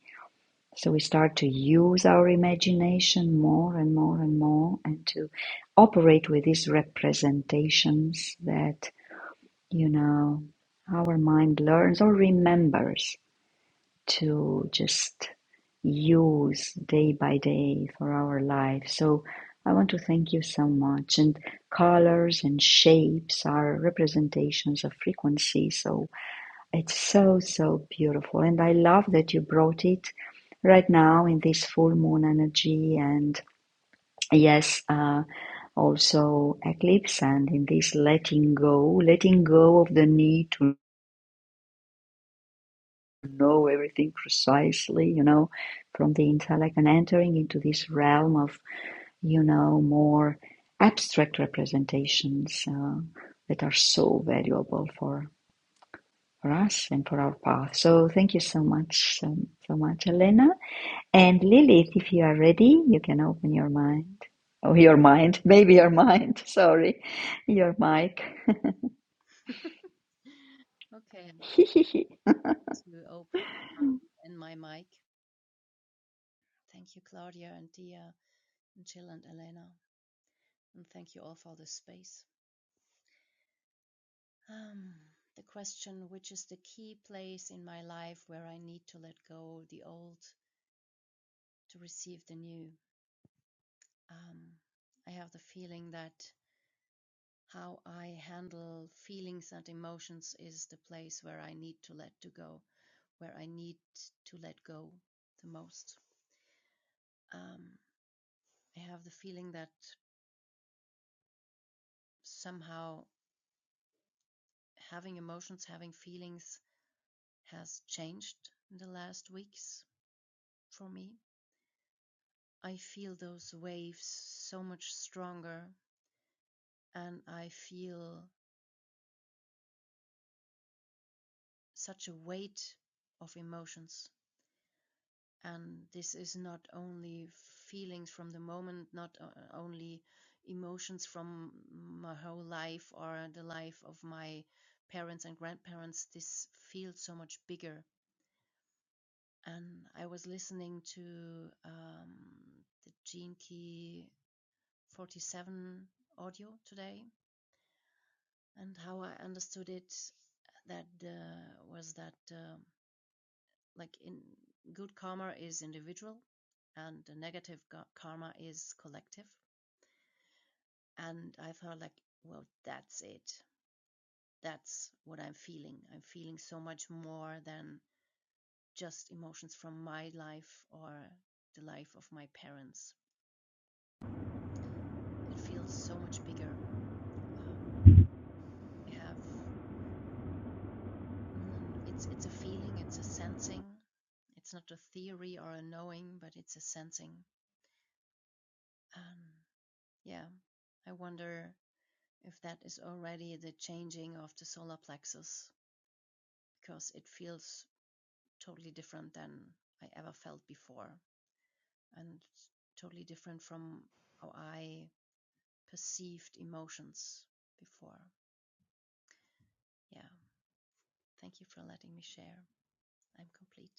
[SPEAKER 2] So we start to use our imagination more and more and more and to operate with these representations that, you know, our mind learns or remembers to just use day by day for our life. So I want to thank you so much. And colors and shapes are representations of frequency. So it's so, so beautiful. And I love that you brought it right now in this full moon energy and yes, uh, also eclipse and in this letting go, letting go of the need to know everything precisely, you know, from the intellect and entering into this realm of, you know, more abstract representations uh, that are so valuable for, for us and for our path. So thank you so much, um, so much, Elena. And Lilith, if you are ready, you can open your mind. Oh, your mind, maybe your mind, sorry, your mic.
[SPEAKER 5] Okay, this will open in my mic. Thank you, Claudia and Dia and Jill and Elena, and thank you all for this space. Um, the question, which is the key place in my life where I need to let go the old to receive the new? Um, I have the feeling that how I handle feelings and emotions is the place where I need to let to go, where I need to let go the most. Um, I have the feeling that somehow having emotions, having feelings has changed in the last weeks for me. I feel those waves so much stronger and I feel such a weight of emotions. And this is not only feelings from the moment, not only emotions from my whole life or the life of my parents and grandparents. This feels so much bigger and I was listening to um, the Gene Key 47 audio today, and how I understood it that uh, was that um like in good karma is individual, and the negative karma is collective. And I felt like, well, that's it. That's what I'm feeling. I'm feeling so much more than just emotions from my life or the life of my parents it feels so much bigger. Um, I have mm, it's it's a feeling, it's a sensing. It's not a theory or a knowing, but it's a sensing. Um, yeah, I wonder if that is already the changing of the solar plexus because it feels totally different than I ever felt before, and totally different from how I perceived emotions before. Yeah, thank you for letting me share. I'm complete.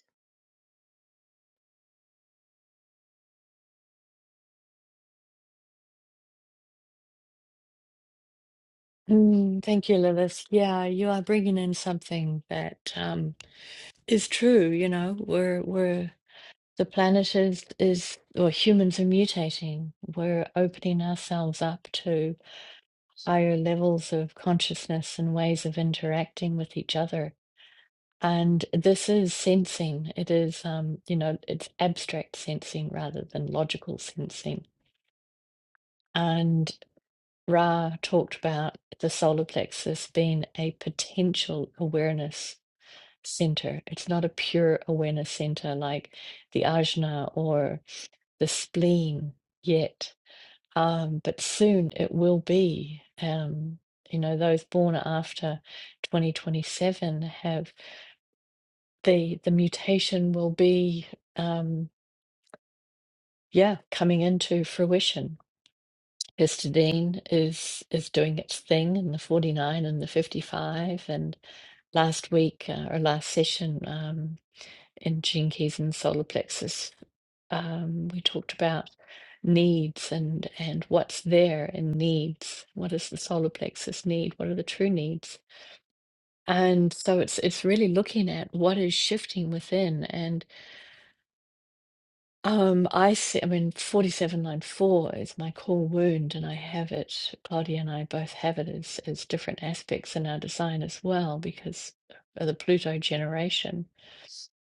[SPEAKER 1] Mm, thank you, Lilith. Yeah, you are bringing in something that um, is true. You know, we're we're the planet is is or humans are mutating. We're opening ourselves up to higher levels of consciousness and ways of interacting with each other. And this is sensing. It is, um, you know, it's abstract sensing rather than logical sensing. And Ra talked about the solar plexus being a potential awareness center. It's not a pure awareness center like the ajna or the spleen yet. Um, but soon it will be. Um, you know, those born after 2027 have the the mutation will be um, yeah, coming into fruition. Histidine is is doing its thing in the 49 and the 55 and last week uh, or last session um, in jinkies and solar plexus. Um, we talked about needs and and what's there in needs. What does the solar plexus need? What are the true needs? And so it's it's really looking at what is shifting within. And um, I see. I mean, forty seven nine four is my core wound, and I have it. Claudia and I both have it as as different aspects in our design as well because of the Pluto generation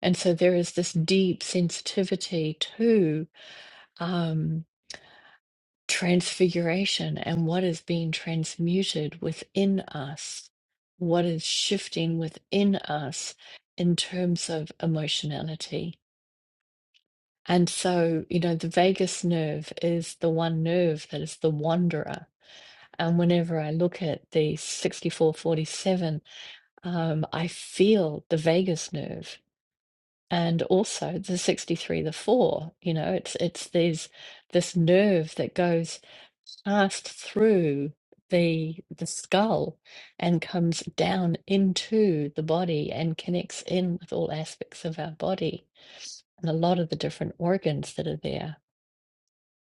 [SPEAKER 1] And so there is this deep sensitivity to um, transfiguration and what is being transmuted within us, what is shifting within us in terms of emotionality. And so, you know, the vagus nerve is the one nerve that is the wanderer. And whenever I look at the 6447, um, I feel the vagus nerve and also the 63 the 4 you know it's it's these this nerve that goes passed through the the skull and comes down into the body and connects in with all aspects of our body and a lot of the different organs that are there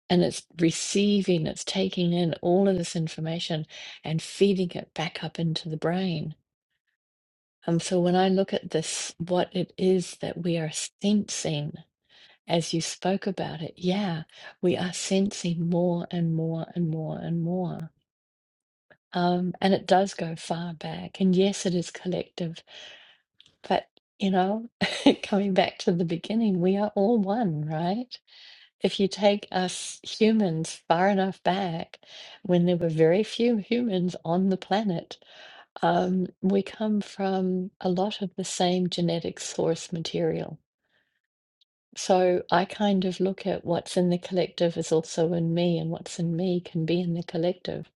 [SPEAKER 1] and it's receiving it's taking in all of this information and feeding it back up into the brain and so when i look at this what it is that we are sensing as you spoke about it, yeah, we are sensing more and more and more and more. Um, and it does go far back. And yes, it is collective, but you know, coming back to the beginning, we are all one, right? If you take us humans far enough back, when there were very few humans on the planet, um, we come from a lot of the same genetic source material So I kind of look at what's in the collective is also in me, and what's in me can be in the collective.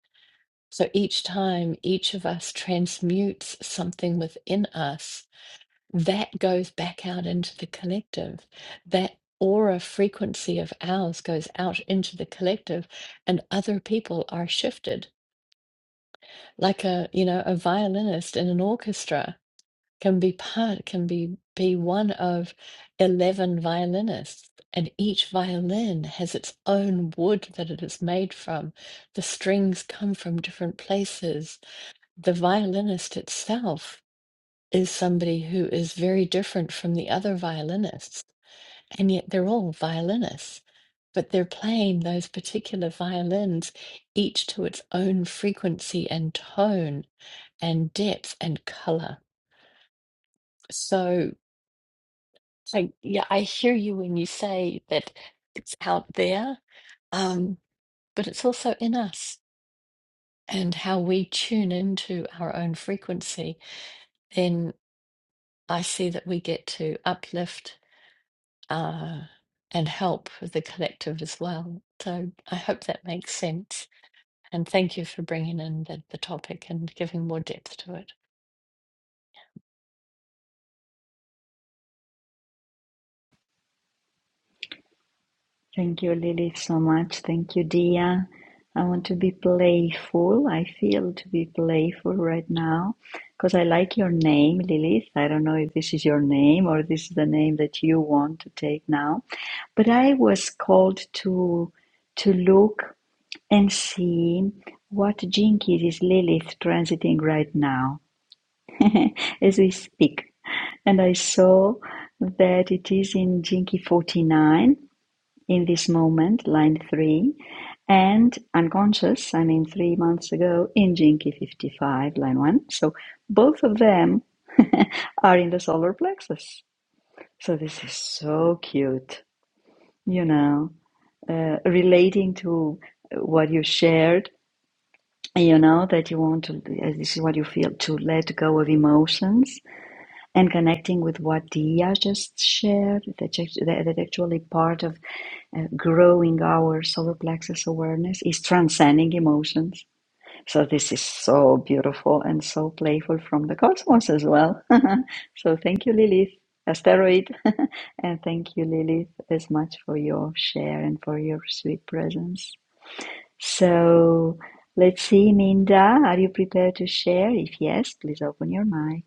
[SPEAKER 1] So each time each of us transmutes something within us, that goes back out into the collective. That aura frequency of ours goes out into the collective, and other people are shifted. Like a, you know, a violinist in an orchestra can be part can be be one of 11 violinists and each violin has its own wood that it is made from the strings come from different places the violinist itself is somebody who is very different from the other violinists and yet they're all violinists but they're playing those particular violins each to its own frequency and tone and depth and color so I yeah, I hear you when you say that it's out there, um, but it's also in us and how we tune into our own frequency. Then I see that we get to uplift uh, and help the collective as well. So I hope that makes sense. And thank you for bringing in the, the topic and giving more depth to it.
[SPEAKER 2] Thank you, Lily, so much. Thank you, Dia. I want to be playful. I feel to be playful right now because I like your name, Lilith. I don't know if this is your name or this is the name that you want to take now, but I was called to to look and see what jinkies is Lilith transiting right now as we speak. And I saw that it is in Jinky 49 in this moment, line three, and unconscious, I mean, three months ago in Jinky 55, line one. So both of them are in the solar plexus. So this is so cute, you know, uh, relating to what you shared, you know, that you want to, uh, this is what you feel, to let go of emotions and connecting with what Dia just shared, that, that that actually part of uh, growing our solar plexus awareness is transcending emotions. So this is so beautiful and so playful from the cosmos as well. so thank you, Lilith, asteroid, and thank you, Lilith, as much for your share and for your sweet presence. So let's see, Minda, are you prepared to share? If yes, please open your mic.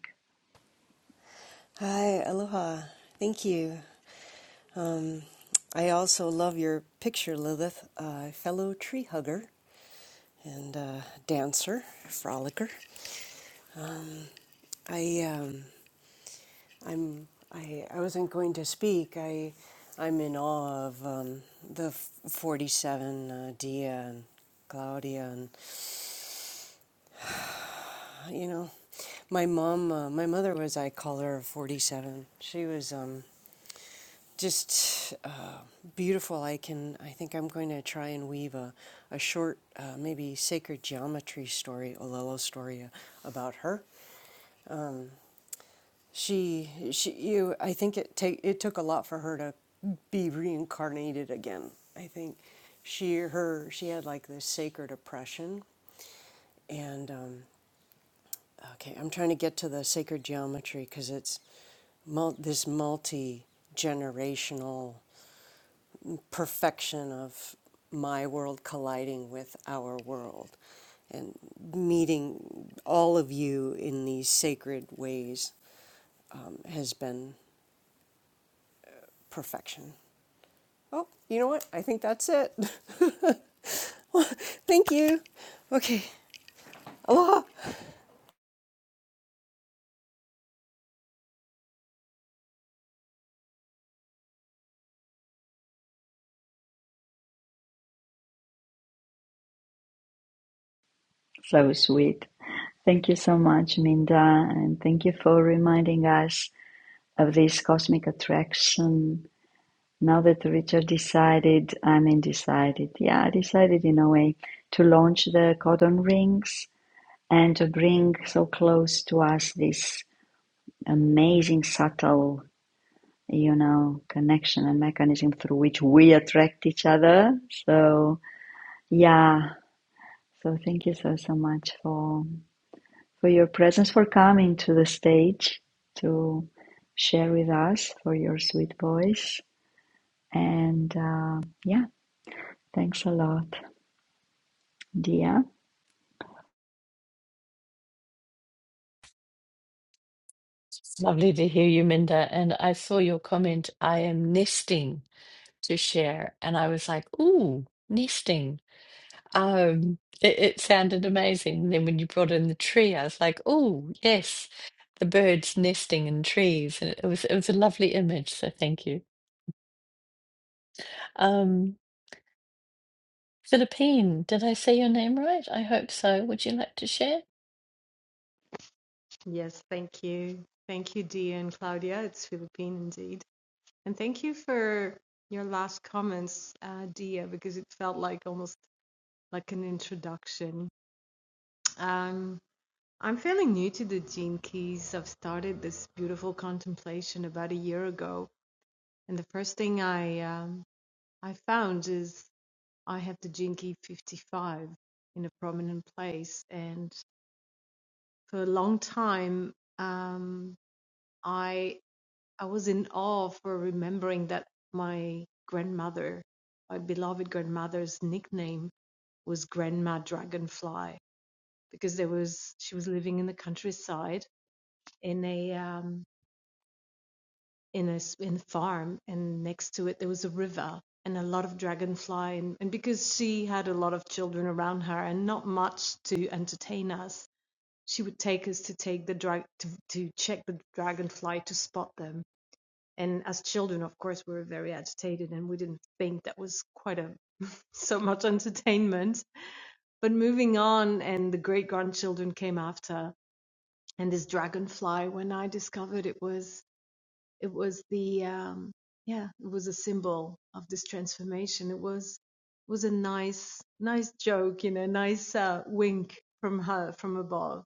[SPEAKER 6] Hi, aloha. Thank you. Um, I also love your picture, Lilith, uh, fellow tree hugger and uh, dancer, frolicker. I um, I'm I, I wasn't going to speak. I I'm in awe of um, the 47 uh, Dia and Claudia You know, my mom, uh, my mother was, I call her 47. She was um, just uh, beautiful. I can, I think I'm going to try and weave a, a short, uh, maybe sacred geometry story, Olelo story uh, about her. Um, She, she, you, I think it take, it took a lot for her to be reincarnated again. I think she, her, she had like this sacred oppression and um, Okay, I'm trying to get to the sacred geometry because it's mul- this multi generational perfection of my world colliding with our world and meeting all of you in these sacred ways um, has been perfection. Oh, you know what? I think that's it. Well, Thank you. Okay, aloha.
[SPEAKER 2] So sweet. Thank you so much, Minda, and thank you for reminding us of this cosmic attraction now that Richard decided, I mean, decided, yeah, I decided in a way to launch the codon rings and to bring so close to us this amazing, subtle, you know, connection and mechanism through which we attract each other. So, yeah, so thank you so, so much for, for your presence, for coming to the stage to share with us, for your sweet voice. And uh, yeah, thanks a lot, Dia.
[SPEAKER 1] It's lovely to hear you, Minda. And I saw your comment, I am nesting to share. And I was like, ooh, nesting. Um, it, it sounded amazing. Then when you brought in the tree, I was like, ooh, yes, the birds nesting in trees. And it was it was a lovely image, so thank you. Um, Philippine, did I say your name right? I hope so. Would you like to share?
[SPEAKER 7] Yes, thank you. Thank you, Dia and Claudia. It's Philippine indeed. And thank you for your last comments, uh, Dia, because it felt like almost like an introduction. Um, I'm feeling new to the Gene Keys. I've started this beautiful contemplation about a year ago. And the first thing I, um, I found is I have the Gene Key 55 in a prominent place. And for a long time, um, I I was in awe for remembering that my grandmother, my beloved grandmother's nickname was Grandma Dragonfly because there was she was living in the countryside in a um, in a in a farm and next to it there was a river and a lot of dragonfly and, and because she had a lot of children around her and not much to entertain us she would take us to take the drag to, to check the dragonfly to spot them And as children, of course, we were very agitated and we didn't think that was quite a so much entertainment. But moving on, and the great grandchildren came after, and this dragonfly. When I discovered it was it was the um, yeah, it was a symbol of this transformation. It was was a nice nice joke, you know, nice uh, wink from her from above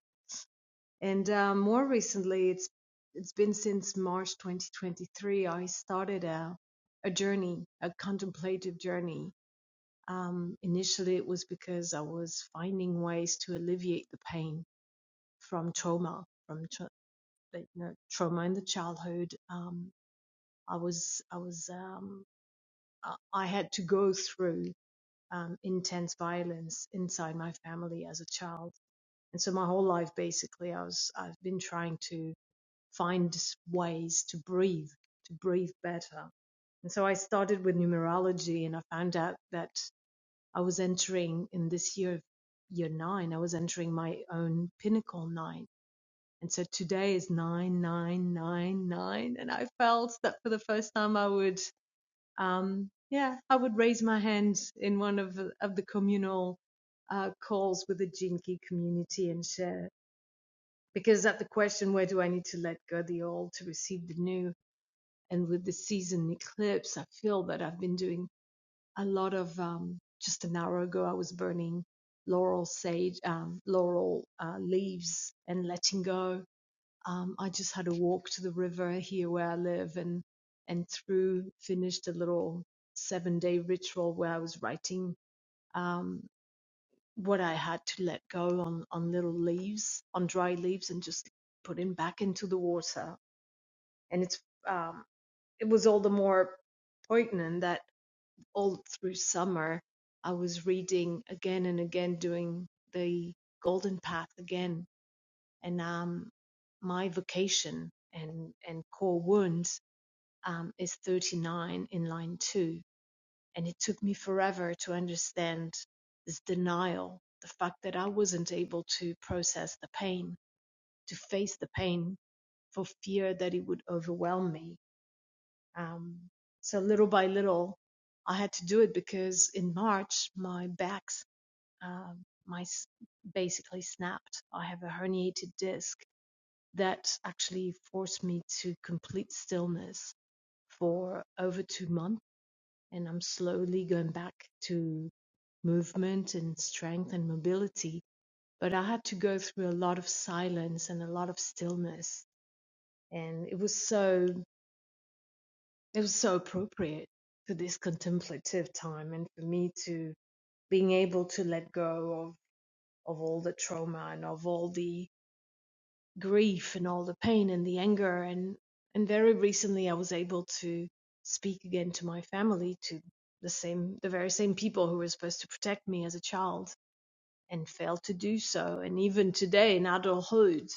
[SPEAKER 7] and uh, more recently, it's it's been since March 2023. I started a a journey, a contemplative journey. Um, initially, it was because I was finding ways to alleviate the pain from trauma, from tra- like, you know, trauma in the childhood. Um, I was I was um, I I had to go through um, intense violence inside my family as a child, and so my whole life, basically, I was I've been trying to find ways to breathe, to breathe better. And so I started with numerology and I found out that I was entering in this year, year nine, I was entering my own pinnacle nine. And so today is nine, nine, nine, nine. And I felt that for the first time I would, um, yeah, I would raise my hand in one of, of the communal uh, calls with the Jinki community and share. Because at the question, where do I need to let go the old to receive the new? and with the season eclipse, I feel that I've been doing a lot of. Um, just an hour ago, I was burning laurel sage, um, laurel uh, leaves, and letting go. Um, I just had a walk to the river here where I live, and and through finished a little seven day ritual where I was writing um, what I had to let go on on little leaves, on dry leaves, and just putting back into the water. And it's um, it was all the more poignant that all through summer I was reading again and again, doing the Golden Path again, and um, my vocation and and core wound um, is 39 in line two, and it took me forever to understand this denial, the fact that I wasn't able to process the pain, to face the pain, for fear that it would overwhelm me um, so little by little, I had to do it because in March my back's um, my s- basically snapped. I have a herniated disc that actually forced me to complete stillness for over two months, and I'm slowly going back to movement and strength and mobility. But I had to go through a lot of silence and a lot of stillness, and it was so It was so appropriate to this contemplative time and for me to being able to let go of, of all the trauma and of all the grief and all the pain and the anger. And, and very recently I was able to speak again to my family, to the same, the very same people who were supposed to protect me as a child and failed to do so. And even today in adulthood,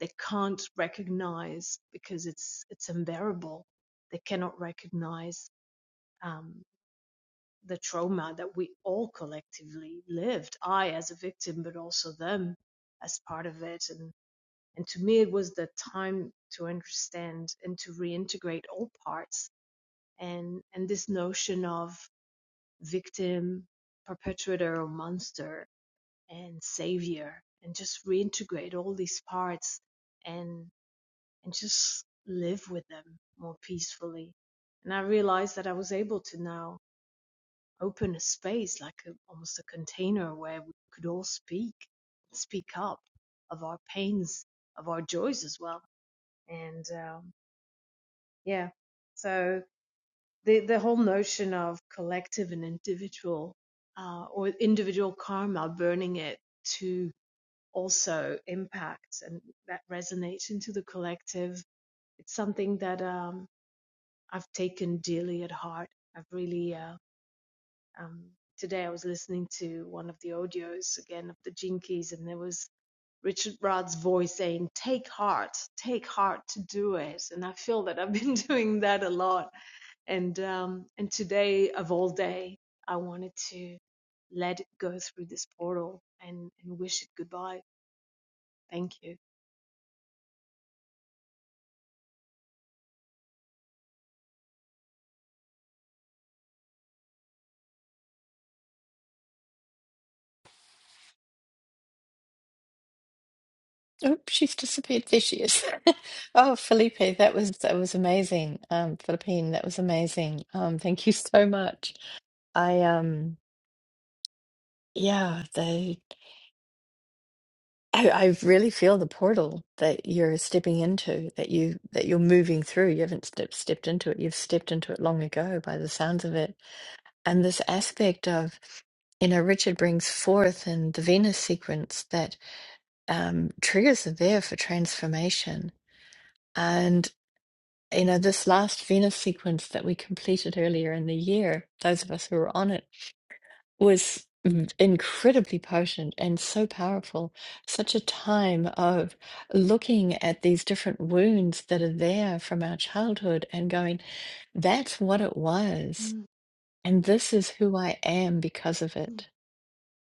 [SPEAKER 7] they can't recognize because it's, it's unbearable. They cannot recognize um, the trauma that we all collectively lived. I as a victim, but also them as part of it. And and to me, it was the time to understand and to reintegrate all parts. And and this notion of victim, perpetrator, or monster, and savior, and just reintegrate all these parts and and just live with them more peacefully. And I realized that I was able to now open a space like a, almost a container where we could all speak speak up of our pains of our joys as well and um, yeah so the the whole notion of collective and individual uh, or individual karma burning it to also impact and that resonates into the collective it's something that um, I've taken dearly at heart I've really uh, Um, today I was listening to one of the audios again of the Jinkies, and there was Richard Rudd's voice saying, Take heart, take heart to do it. And I feel that I've been doing that a lot. And um, and today of all day, I wanted to let it go through this portal and, and wish it goodbye. Thank you.
[SPEAKER 1] Oh, she's disappeared. There she is. Oh, Felipe, that was that was amazing. Um, Philippine, that was amazing. Um, thank you so much. I um, yeah, they. I, I really feel the portal that you're stepping into, that you that you're moving through. You haven't step, stepped into it. You've stepped into it long ago, by the sounds of it. And this aspect of, you know, Richard brings forth in the Venus sequence that. um, triggers are there for transformation. And, you know, this last Venus sequence that we completed earlier in the year, those of us who were on it, was incredibly potent and so powerful. Such a time of looking at these different wounds that are there from our childhood and going, that's what it was.
[SPEAKER 7] Mm,
[SPEAKER 1] And this is who I am because of
[SPEAKER 7] yeah,
[SPEAKER 1] it.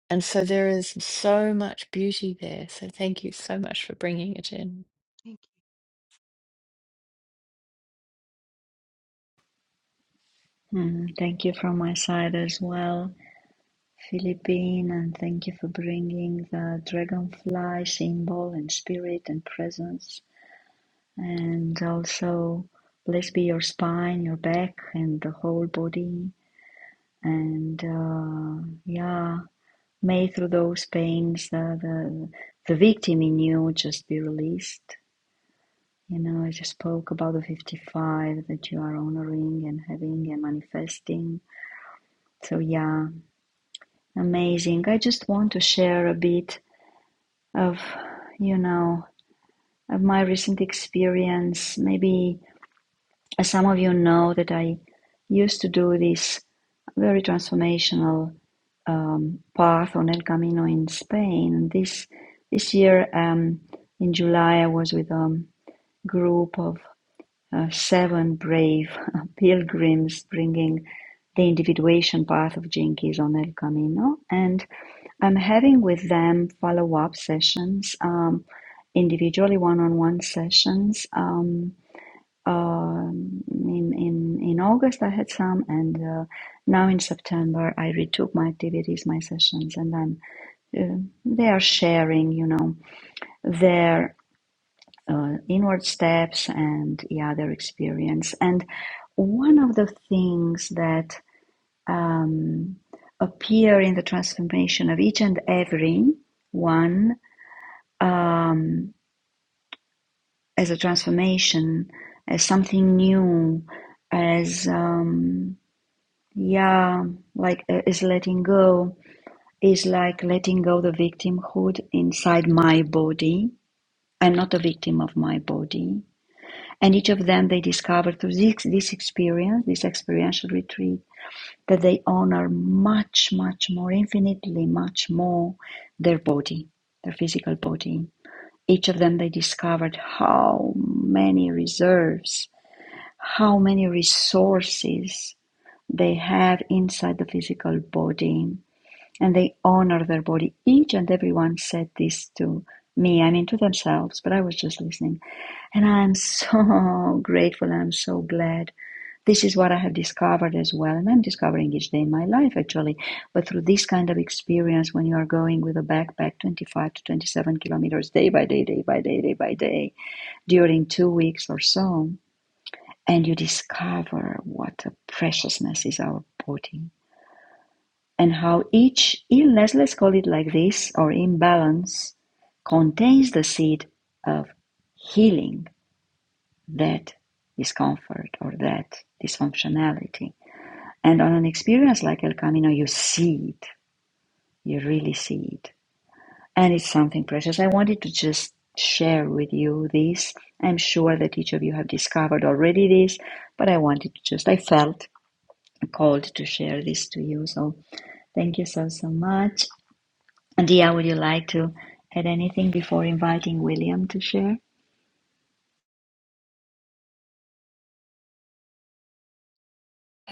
[SPEAKER 1] And so there is so much beauty there. So thank you so much for bringing it in.
[SPEAKER 7] thank you.
[SPEAKER 2] Mm, thank you from my side as well, Philippine, and thank you for bringing the dragonfly symbol and spirit and presence. And also, blessed be your spine, your back, and the whole body. And uh, yeah, may through those pains, uh, the the victim in you just be released You know, I just spoke about the 55 that you are honoring and having and manifesting. So, yeah, amazing. I just want to share a bit of, you know, of my recent experience. Maybe as some of you know, that I used to do this very transformational um, path on El Camino in Spain. And this, this year um, in July, I was with a group of uh, seven brave pilgrims bringing the individuation path of Jinkies on El Camino. And I'm having with them follow up sessions, um, individually one on one sessions. Um, um in, in, in August, I had some, and uh, now in September, I retook my activities, my sessions, and I'm, uh, they are sharing, you know, their uh, inward steps and yeah, their experience. And one of the things that um, appear in the transformation of each and every one um, as a transformation, as something new, as um, yeah, like uh, is letting go is like letting go the victimhood inside my body. I'm not a victim of my body. And each of them they discover through this, this experience, this experiential retreat, that they honor much, much more, infinitely much more their body, their physical body. Each of them they discovered how many reserves, how many resources they have inside the physical body. And they honor their body. Each and everyone said this to me, I mean to themselves, but I was just listening. And I'm so grateful and I'm so glad this is what I have discovered as well, and I'm discovering each day in my life actually. But through this kind of experience, when you are going with a backpack 25 to 27 kilometers day by day, day by day, day by day, during two weeks or so, and you discover what a preciousness is our body and how each illness, let's call it like this, or imbalance, contains the seed of healing that discomfort or that dysfunctionality. And on an experience like El Camino, you see it. You really see it. And it's something precious. I wanted to just share with you this. I'm sure that each of you have discovered already this, but I wanted to just, I felt called to share this to you. So thank you so, so much. And Dia, would you like to add anything before inviting William to share?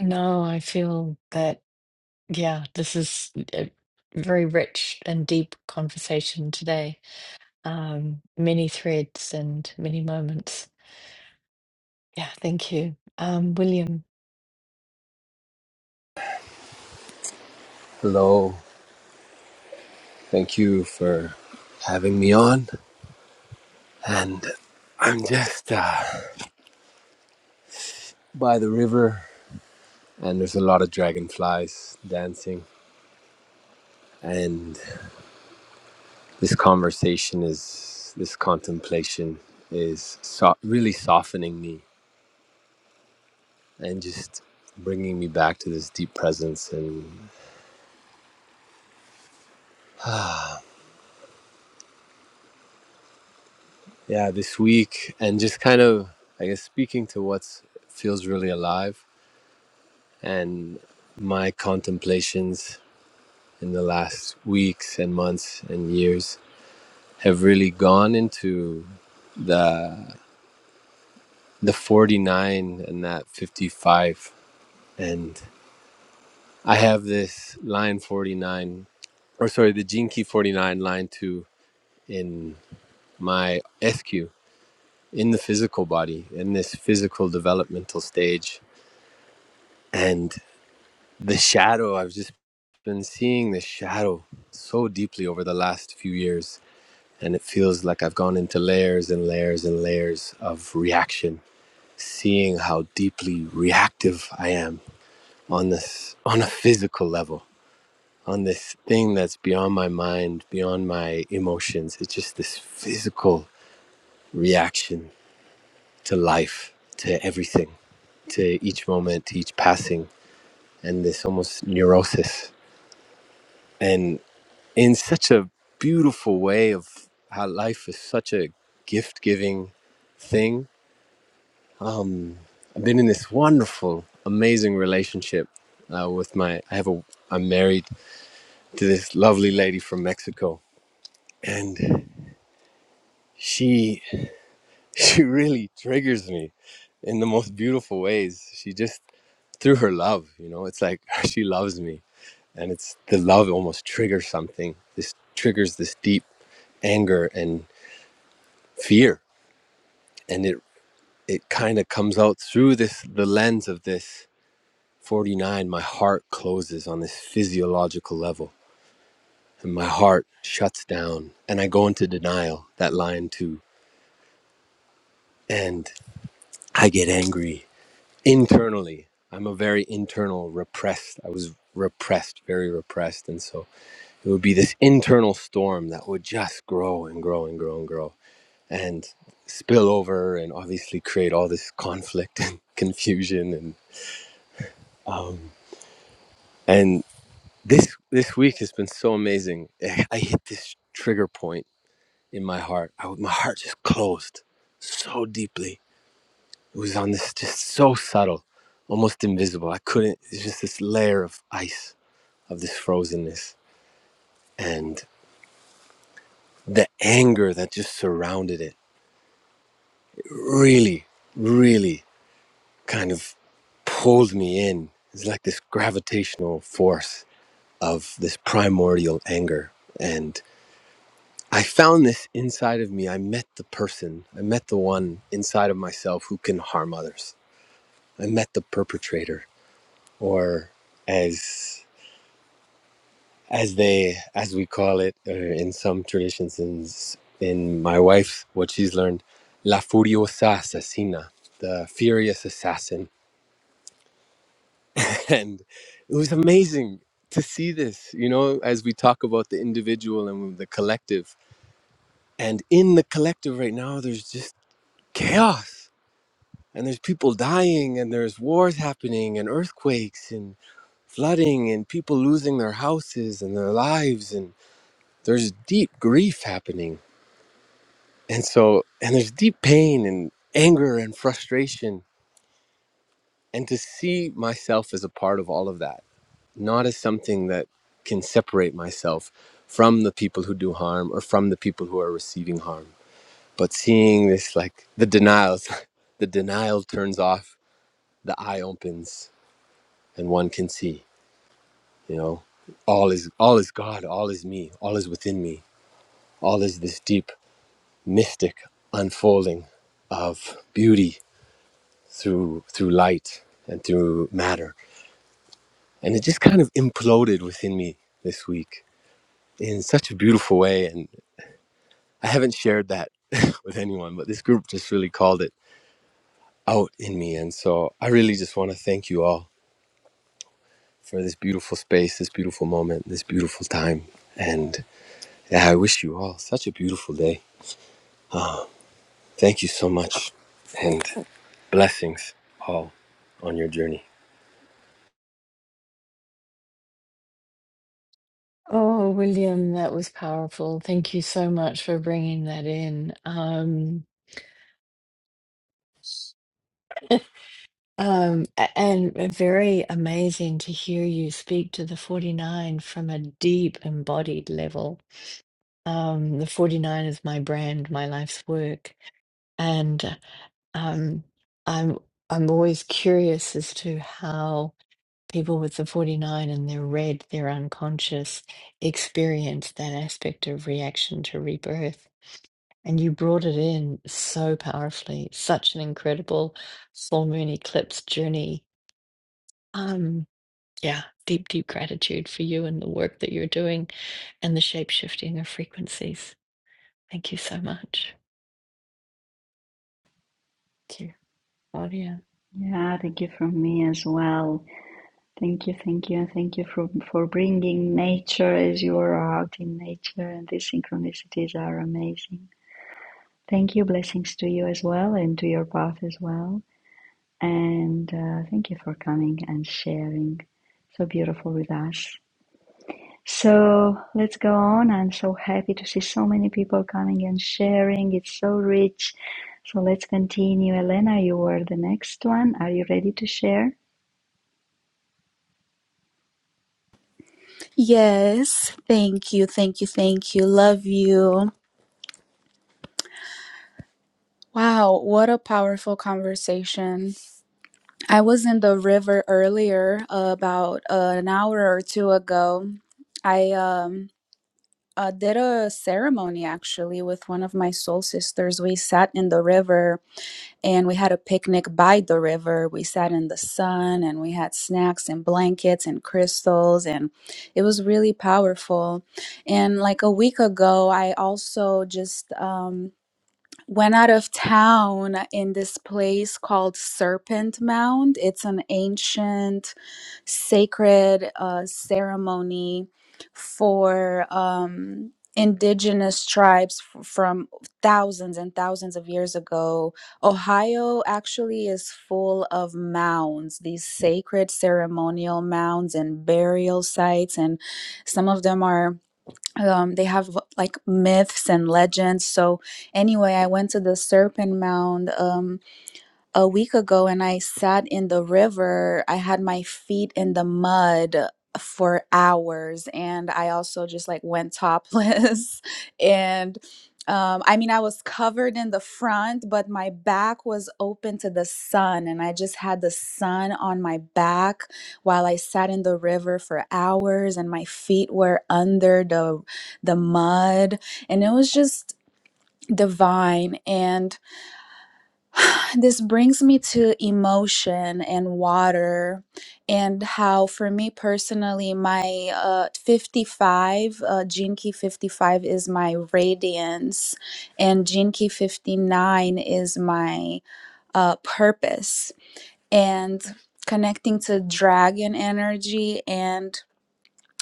[SPEAKER 1] No, I feel that, yeah, this is a very rich and deep conversation today. Um, many threads and many moments. Yeah, thank you. Um, William.
[SPEAKER 8] Hello. Thank you for having me on. And I'm just uh, by the river, and there's a lot of dragonflies dancing. And this conversation is, this contemplation is so- really softening me and just bringing me back to this deep presence. And yeah, this week, and just kind of, I guess, speaking to what feels really alive and my contemplations in the last weeks and months and years have really gone into the the 49 and that 55 and i have this line 49 or sorry the gene key 49 line 2 in my sq in the physical body in this physical developmental stage and the shadow i've just been seeing the shadow so deeply over the last few years and it feels like I've gone into layers and layers and layers of reaction, seeing how deeply reactive I am on this on a physical level, on this thing that's beyond my mind, beyond my emotions. It's just this physical reaction to life, to everything, to each moment, to each passing, and this almost neurosis. And in such a beautiful way of how life is such a gift giving thing I've been in this wonderful, amazing relationship uh, with my. I have a. I'm married to this lovely lady from Mexico, and she she really triggers me in the most beautiful ways. She just through her love, you know, it's like she loves me, and it's the love almost triggers something. This triggers this deep anger and fear, and it it kind of comes out through this the lens of this. 49 my heart closes on this physiological level and my heart shuts down and I go into denial, that line too. And I get angry internally. I'm a very internal repressed. I was repressed, very repressed. And so it would be this internal storm that would just grow and grow and grow and grow and spill over and obviously create all this conflict and confusion and and this this week has been so amazing. I I hit this trigger point in my heart. I, my heart just closed so deeply It was on this just so subtle, almost invisible. I couldn't, it's just this layer of ice, of this frozenness. And the anger that just surrounded it really, really kind of pulled me in. It's like this gravitational force of this primordial anger. And I found this inside of me. I met the person, I met the one inside of myself who can harm others. I met the perpetrator, or as as they as we call it uh, in some traditions in in my wife what she's learned la furiosa asesina the furious assassin and it was amazing to see this you know as we talk about the individual and the collective and in the collective right now there's just chaos and there's people dying and there's wars happening and earthquakes and flooding and people losing their houses and their lives and there's deep grief happening And so, and there's deep pain and anger and frustration. And to see myself as a part of all of that, not as something that can separate myself from the people who do harm or from the people who are receiving harm, but seeing this like the denials, the denial turns off, the eye opens, and one can see, you know, all is all is God, all is me, all is within me, all is this deep mystic unfolding of beauty through through light and through matter and it just kind of imploded within me this week in such a beautiful way and i haven't shared that with anyone but this group just really called it out in me and so i really just want to thank you all for this beautiful space this beautiful moment this beautiful time and yeah, i wish you all such a beautiful day thank you so much and blessings all on your journey
[SPEAKER 1] Oh, William, that was powerful. Thank you so much for bringing that in. Um, um, a- and uh, very amazing to hear you speak to the 49 from a deep embodied level. Um, the 49 is my brand, my life's work. Um, I'm I'm always curious as to how people with the 49 and their red, their unconscious, experience that aspect of reaction to rebirth. And you brought it in so powerfully, such an incredible full moon eclipse journey. Um, yeah, deep, deep gratitude for you and the work that you're doing and the shape shifting of frequencies. Thank you so much. Thank you, Claudia.
[SPEAKER 2] Yeah, thank you from me as well. Thank you, thank you, and thank you for for bringing nature as you are out in nature, and these synchronicities are amazing. Thank you, blessings to you as well, and to your path as well, and uh, thank you for coming and sharing so beautiful with us. So let's go on. I'm so happy to see so many people coming and sharing. It's so rich. So let's continue. Elena, you were the next one. Are you ready to share?
[SPEAKER 9] Yes, thank you, thank you, thank you. Love you. Wow, what a powerful conversation. I was in the river earlier, uh, about uh, an hour or two ago. I um uh, did a ceremony actually with one of my soul sisters. We sat in the river and we had a picnic by the river. We sat in the sun and we had snacks and blankets and crystals and it was really powerful. And like a week ago, I also just um went out of town in this place called Serpent Mound. It's an ancient sacred uh, ceremony for um, indigenous tribes f- from thousands and thousands of years ago. Ohio actually is full of mounds, these sacred ceremonial mounds and burial sites, and some of them are. Um, they have like myths and legends. So, anyway, I went to the Serpent Mound. Um, a week ago and I sat in the river. I had my feet in the mud for hours and I also just like went topless and um I mean I was covered in the front but my back was open to the sun and I just had the sun on my back while I sat in the river for hours and my feet were under the the mud and it was just divine and this brings me to emotion and water, and how, for me personally, my uh, 55, uh, Jinki 55 is my radiance, and Jinki 59 is my uh, purpose. And connecting to dragon energy and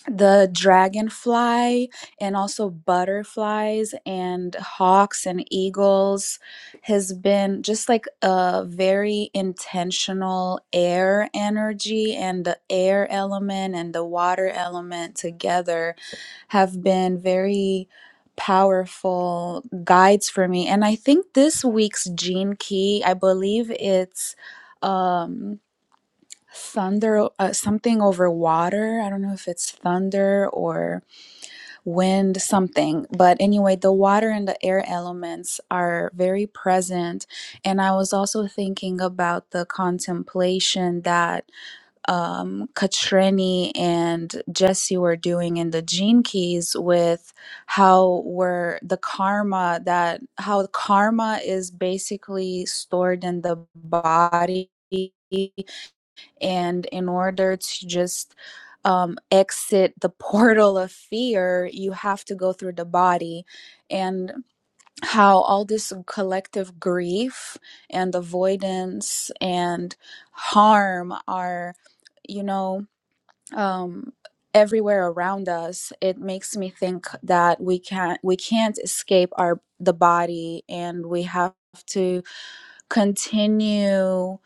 [SPEAKER 9] the dragonfly and also butterflies and hawks and eagles has been just like a very intentional air energy and the air element and the water element together have been very powerful guides for me and i think this week's gene key i believe it's um thunder uh, something over water i don't know if it's thunder or wind something but anyway the water and the air elements are very present and i was also thinking about the contemplation that um katrini and jesse were doing in the gene keys with how we're the karma that how karma is basically stored in the body and in order to just um, exit the portal of fear, you have to go through the body. And how all this collective grief and avoidance and harm are, you know, um, everywhere around us it makes me think that we can't we can't escape our the body and we have to continue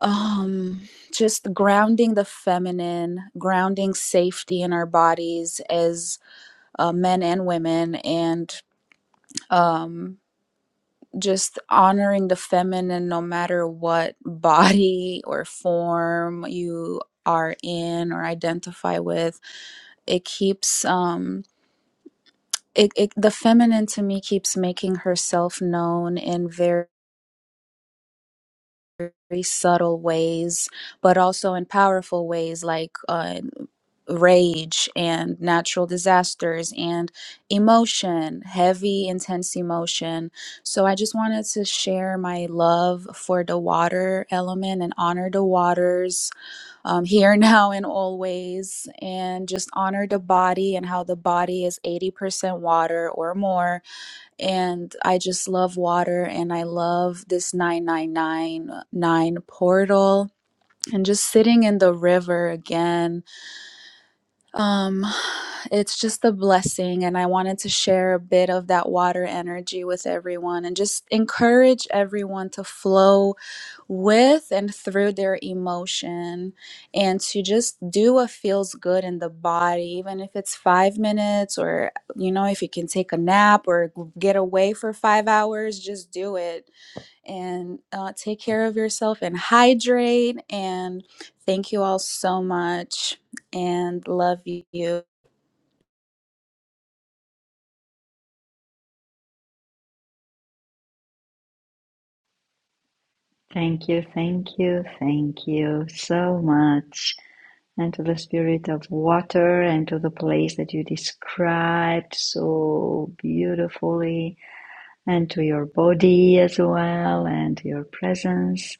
[SPEAKER 9] um just grounding the feminine grounding safety in our bodies as uh, men and women and um just honoring the feminine no matter what body or form you are in or identify with it keeps um it, it the feminine to me keeps making herself known in very very subtle ways, but also in powerful ways like uh, rage and natural disasters and emotion, heavy, intense emotion. So I just wanted to share my love for the water element and honor the waters um, here, now, and always, and just honor the body and how the body is 80% water or more and I just love water and I love this 9999 portal and just sitting in the river again. Um it's just a blessing and I wanted to share a bit of that water energy with everyone and just encourage everyone to flow with and through their emotion and to just do what feels good in the body even if it's 5 minutes or you know if you can take a nap or g- get away for 5 hours just do it and uh, take care of yourself and hydrate and thank you all so much and love you
[SPEAKER 2] Thank you, thank you, thank you so much. And to the spirit of water and to the place that you described so beautifully, and to your body as well, and your presence.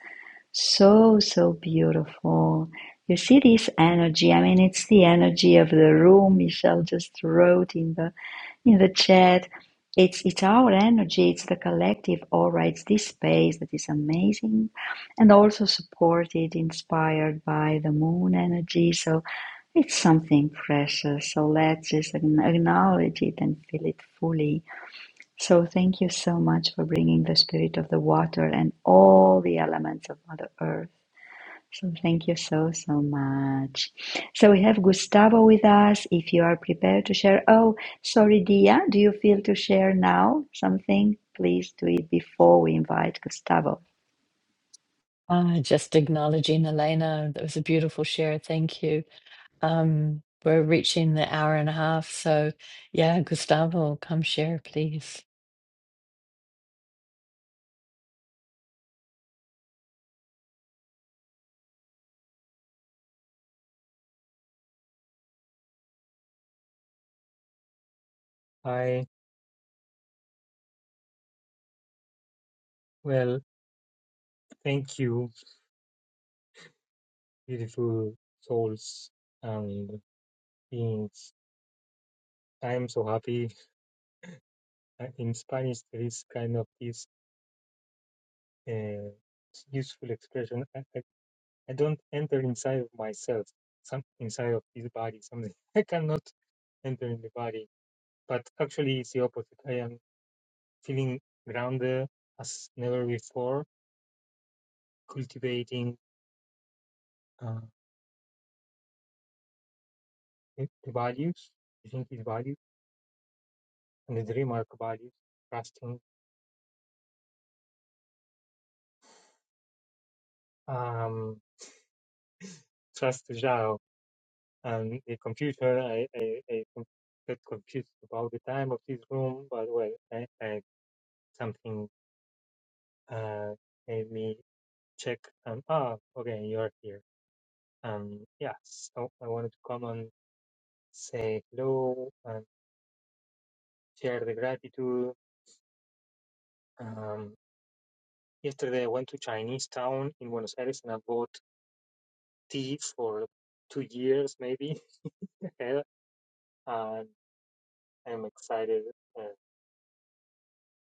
[SPEAKER 2] So, so beautiful. You see this energy. I mean, it's the energy of the room. Michelle just wrote in the in the chat. It's it's our energy, it's the collective aura, it's this space that is amazing and also supported, inspired by the moon energy. So it's something precious. So let's just acknowledge it and feel it fully. So thank you so much for bringing the spirit of the water and all the elements of Mother Earth so thank you so, so much. So we have Gustavo with us. If you are prepared to share, oh, sorry, Dia, do you feel to share now something? Please do it before we invite Gustavo.
[SPEAKER 1] Uh, just acknowledging Elena, that was a beautiful share. Thank you. Um, we're reaching the hour and a half, so yeah, Gustavo, come share, please.
[SPEAKER 10] I, well, thank you, beautiful souls and beings. I am so happy. Uh, In Spanish, there is kind of this uh, useful expression. I, I, I don't enter inside of myself, some inside of this body, something. I cannot enter in the body. But actually, it's the opposite. I am feeling grounded as never before, cultivating uh, the the values, I think values, and the dream values, trusting um, trust Zhao and the computer. I, I, I com- get confused about the time of this room, but well, I, I something uh, made me check and ah, okay, you're here. Um, yeah, so I wanted to come and say hello and share the gratitude. Um, yesterday I went to Chinese town in Buenos Aires and I bought tea for two years maybe, ahead, and I'm excited uh,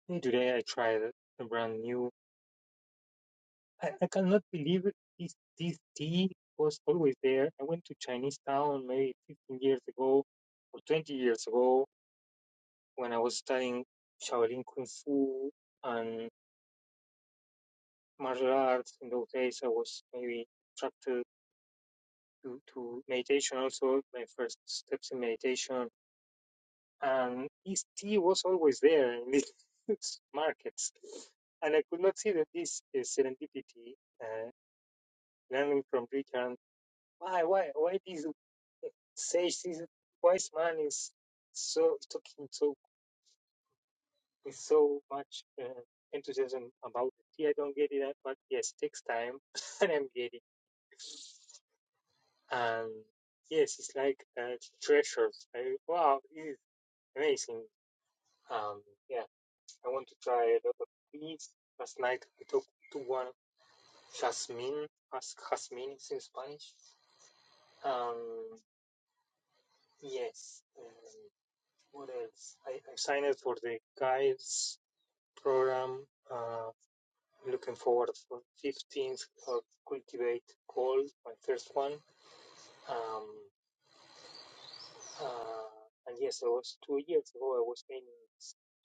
[SPEAKER 10] And Today I tried a brand new. I, I cannot believe it. This, this tea was always there. I went to Chinese town maybe 15 years ago or 20 years ago when I was studying Shaolin Kung Fu and martial arts. In those days, I was maybe attracted to, to meditation also, my first steps in meditation. And this tea was always there in these markets. And I could not see that this is serendipity. uh, learning from Britain. Why, why, why this sage, this wise man is so talking so with so much uh, enthusiasm about it. Yeah, I don't get it, but yes, it takes time, and I'm getting. And yes, it's like uh, treasures. I, wow, this is amazing. Um, yeah, I want to try a lot of these. Last night I talked to one Jasmine, ask Jasmine in Spanish. Um, yes. um, What else? I, I signed up for the guides program. Uh, I'm looking forward for 15th of Cultivate Gold, my first one. Um, uh, and yes, I was two years ago. I was in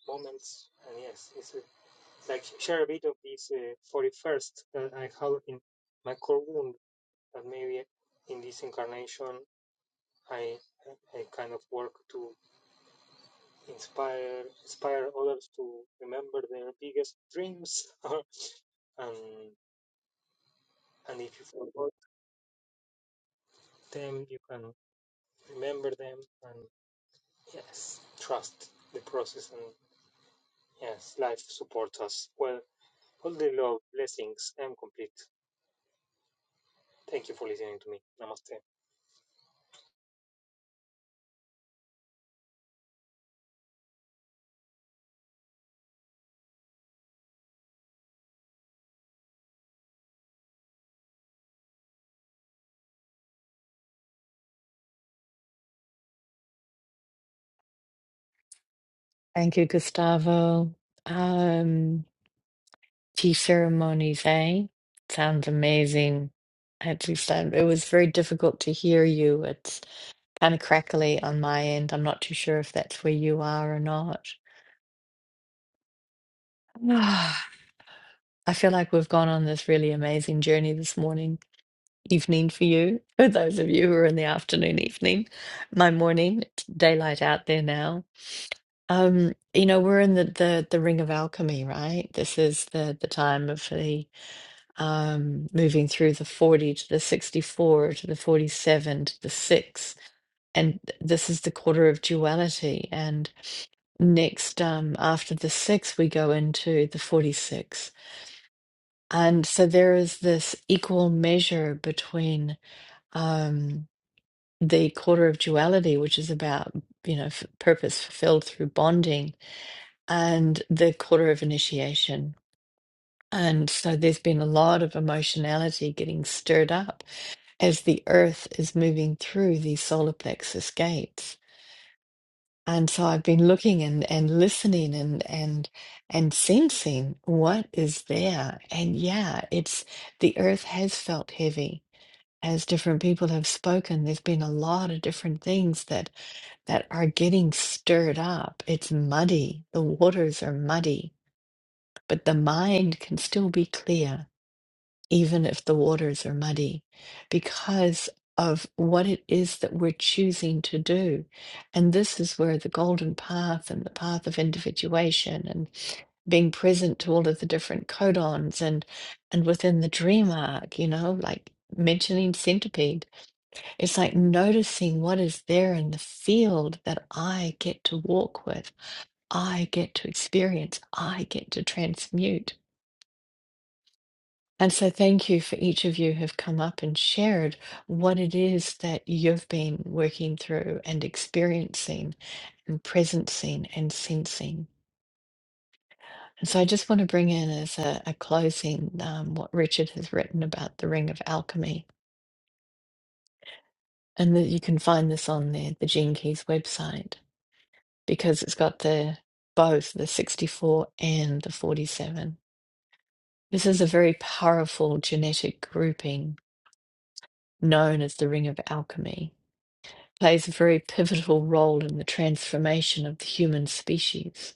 [SPEAKER 10] moments, and yes, it's uh, like share a bit of this uh, 41st that I have in my core wound. That maybe in this incarnation, I I kind of work to. inspire inspire others to remember their biggest dreams or, and and if you forgot them you can remember them and yes trust the process and yes life supports us well all the love blessings i'm complete thank you for listening to me namaste
[SPEAKER 1] Thank you, Gustavo. Um, tea ceremonies, eh? Sounds amazing. At least I, it was very difficult to hear you. It's kind of crackly on my end. I'm not too sure if that's where you are or not. I feel like we've gone on this really amazing journey this morning evening for you, for those of you who are in the afternoon, evening, my morning, it's daylight out there now. Um, you know, we're in the, the the ring of alchemy, right? This is the the time of the um moving through the 40 to the 64 to the 47 to the 6. And this is the quarter of duality. And next, um, after the 6, we go into the 46. And so there is this equal measure between um. the quarter of duality, which is about, you know, f- purpose fulfilled through bonding, and the quarter of initiation. And so there's been a lot of emotionality getting stirred up as the earth is moving through these solar plexus gates. And so I've been looking and, and listening and and and sensing what is there. And yeah, it's the earth has felt heavy as different people have spoken. There's been a lot of different things that that are getting stirred up. It's muddy. The waters are muddy, but the mind can still be clear, even if the waters are muddy, because of what it is that we're choosing to do. And this is where the golden path and the path of individuation and being present to all of the different codons and and within the dream arc, you know, like mentioning centipede it's like noticing what is there in the field that I get to walk with, I get to experience, I get to transmute. And so, thank you for each of you who've come up and shared what it is that you've been working through and experiencing and presencing and sensing. And so, I just want to bring in as a, a closing um, what Richard has written about the Ring of Alchemy. And that you can find this on the, the Gene Keys website because it's got the both the 64 and the 47. This is a very powerful genetic grouping known as the Ring of Alchemy. It Plays a very pivotal role in the transformation of the human species.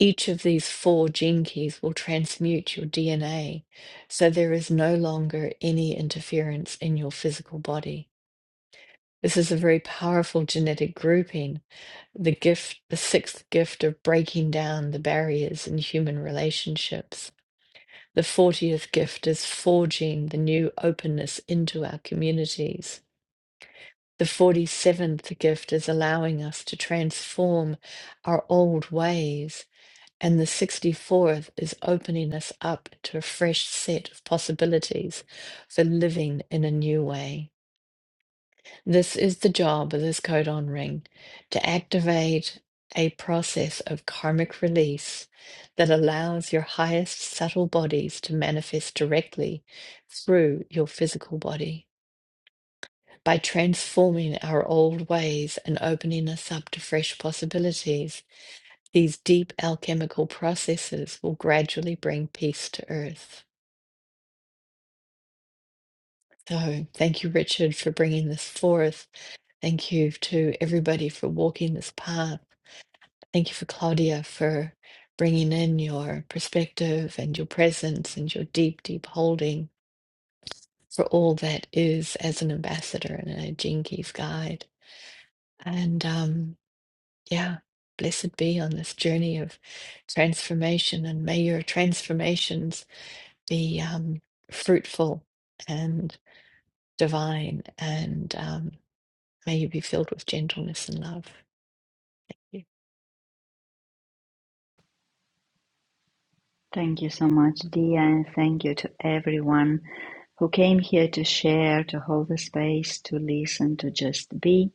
[SPEAKER 1] Each of these four gene keys will transmute your DNA, so there is no longer any interference in your physical body. This is a very powerful genetic grouping the gift, the sixth gift of breaking down the barriers in human relationships. The 40th gift is forging the new openness into our communities. The 47th gift is allowing us to transform our old ways. And the 64th is opening us up to a fresh set of possibilities for living in a new way. This is the job of this codon ring to activate a process of karmic release that allows your highest subtle bodies to manifest directly through your physical body. By transforming our old ways and opening us up to fresh possibilities, these deep alchemical processes will gradually bring peace to Earth. So, thank you, Richard, for bringing this forth. Thank you to everybody for walking this path. Thank you for Claudia for bringing in your perspective and your presence and your deep, deep holding for all that is as an ambassador and a Jinkies guide. And um, yeah, blessed be on this journey of transformation, and may your transformations be um, fruitful and divine, and um, may you be filled with gentleness and love. Yeah.
[SPEAKER 2] Thank you so much, Dia, and thank you to everyone who came here to share, to hold the space, to listen, to just be.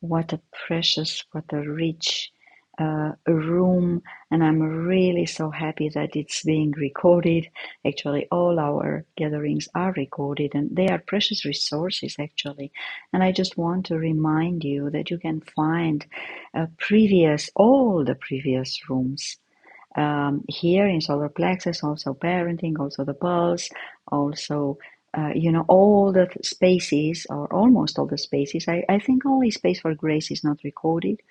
[SPEAKER 2] what a precious, what a rich uh, room. And I'm really so happy that it's being recorded. Actually, all our gatherings are recorded and they are precious resources, actually. And I just want to remind you that you can find uh, previous, all the previous rooms um, here in solar plexus, also parenting, also the pulse, also, uh, you know, all the spaces or almost all the spaces. I, I think only space for grace is not recorded,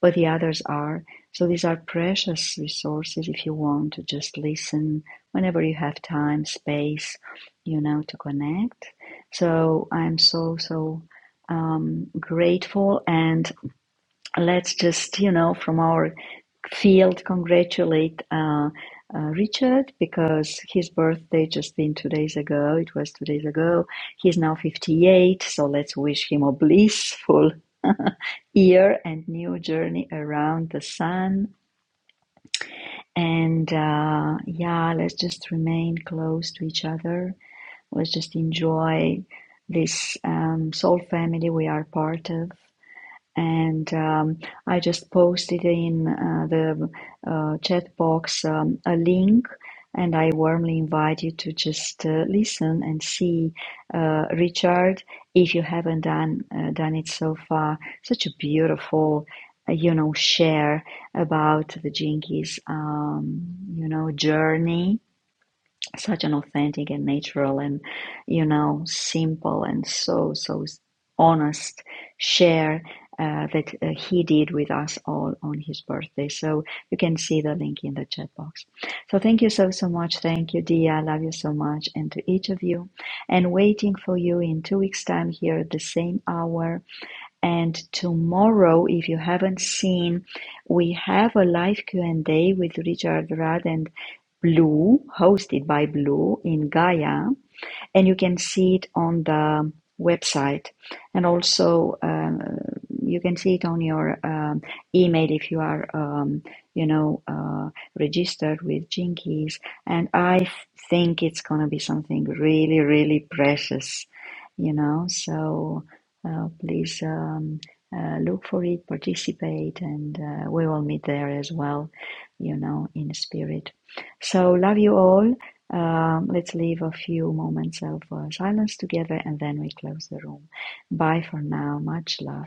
[SPEAKER 2] but the others are. So these are precious resources if you want to just listen whenever you have time, space, you know, to connect. So I'm so, so um, grateful. And let's just, you know, from our field congratulate uh, uh, Richard because his birthday just been two days ago. It was two days ago. He's now 58, so let's wish him a blissful year and new journey around the sun. And uh, yeah, let's just remain close to each other. Let's just enjoy this um, soul family we are part of and um, I just posted in uh, the uh, chat box um, a link, and I warmly invite you to just uh, listen and see uh, Richard if you haven't done uh, done it so far. Such a beautiful. uh, You know, share about the Jinkies, um, you know, journey such an authentic and natural and you know simple and so so honest share uh, that uh, he did with us all on his birthday so you can see the link in the chat box so thank you so so much thank you dia i love you so much and to each of you and waiting for you in two weeks time here at the same hour and tomorrow if you haven't seen we have a live q&a with richard Rudd and. Blue, hosted by Blue in Gaia and you can see it on the website and also um, you can see it on your um, email if you are um, you know uh, registered with jinkies and i think it's going to be something really really precious you know so uh, please um, uh, look for it participate and uh, we will meet there as well you know in spirit so love you all um, let's leave a few moments of uh, silence together and then we close the room. Bye for now. Much love.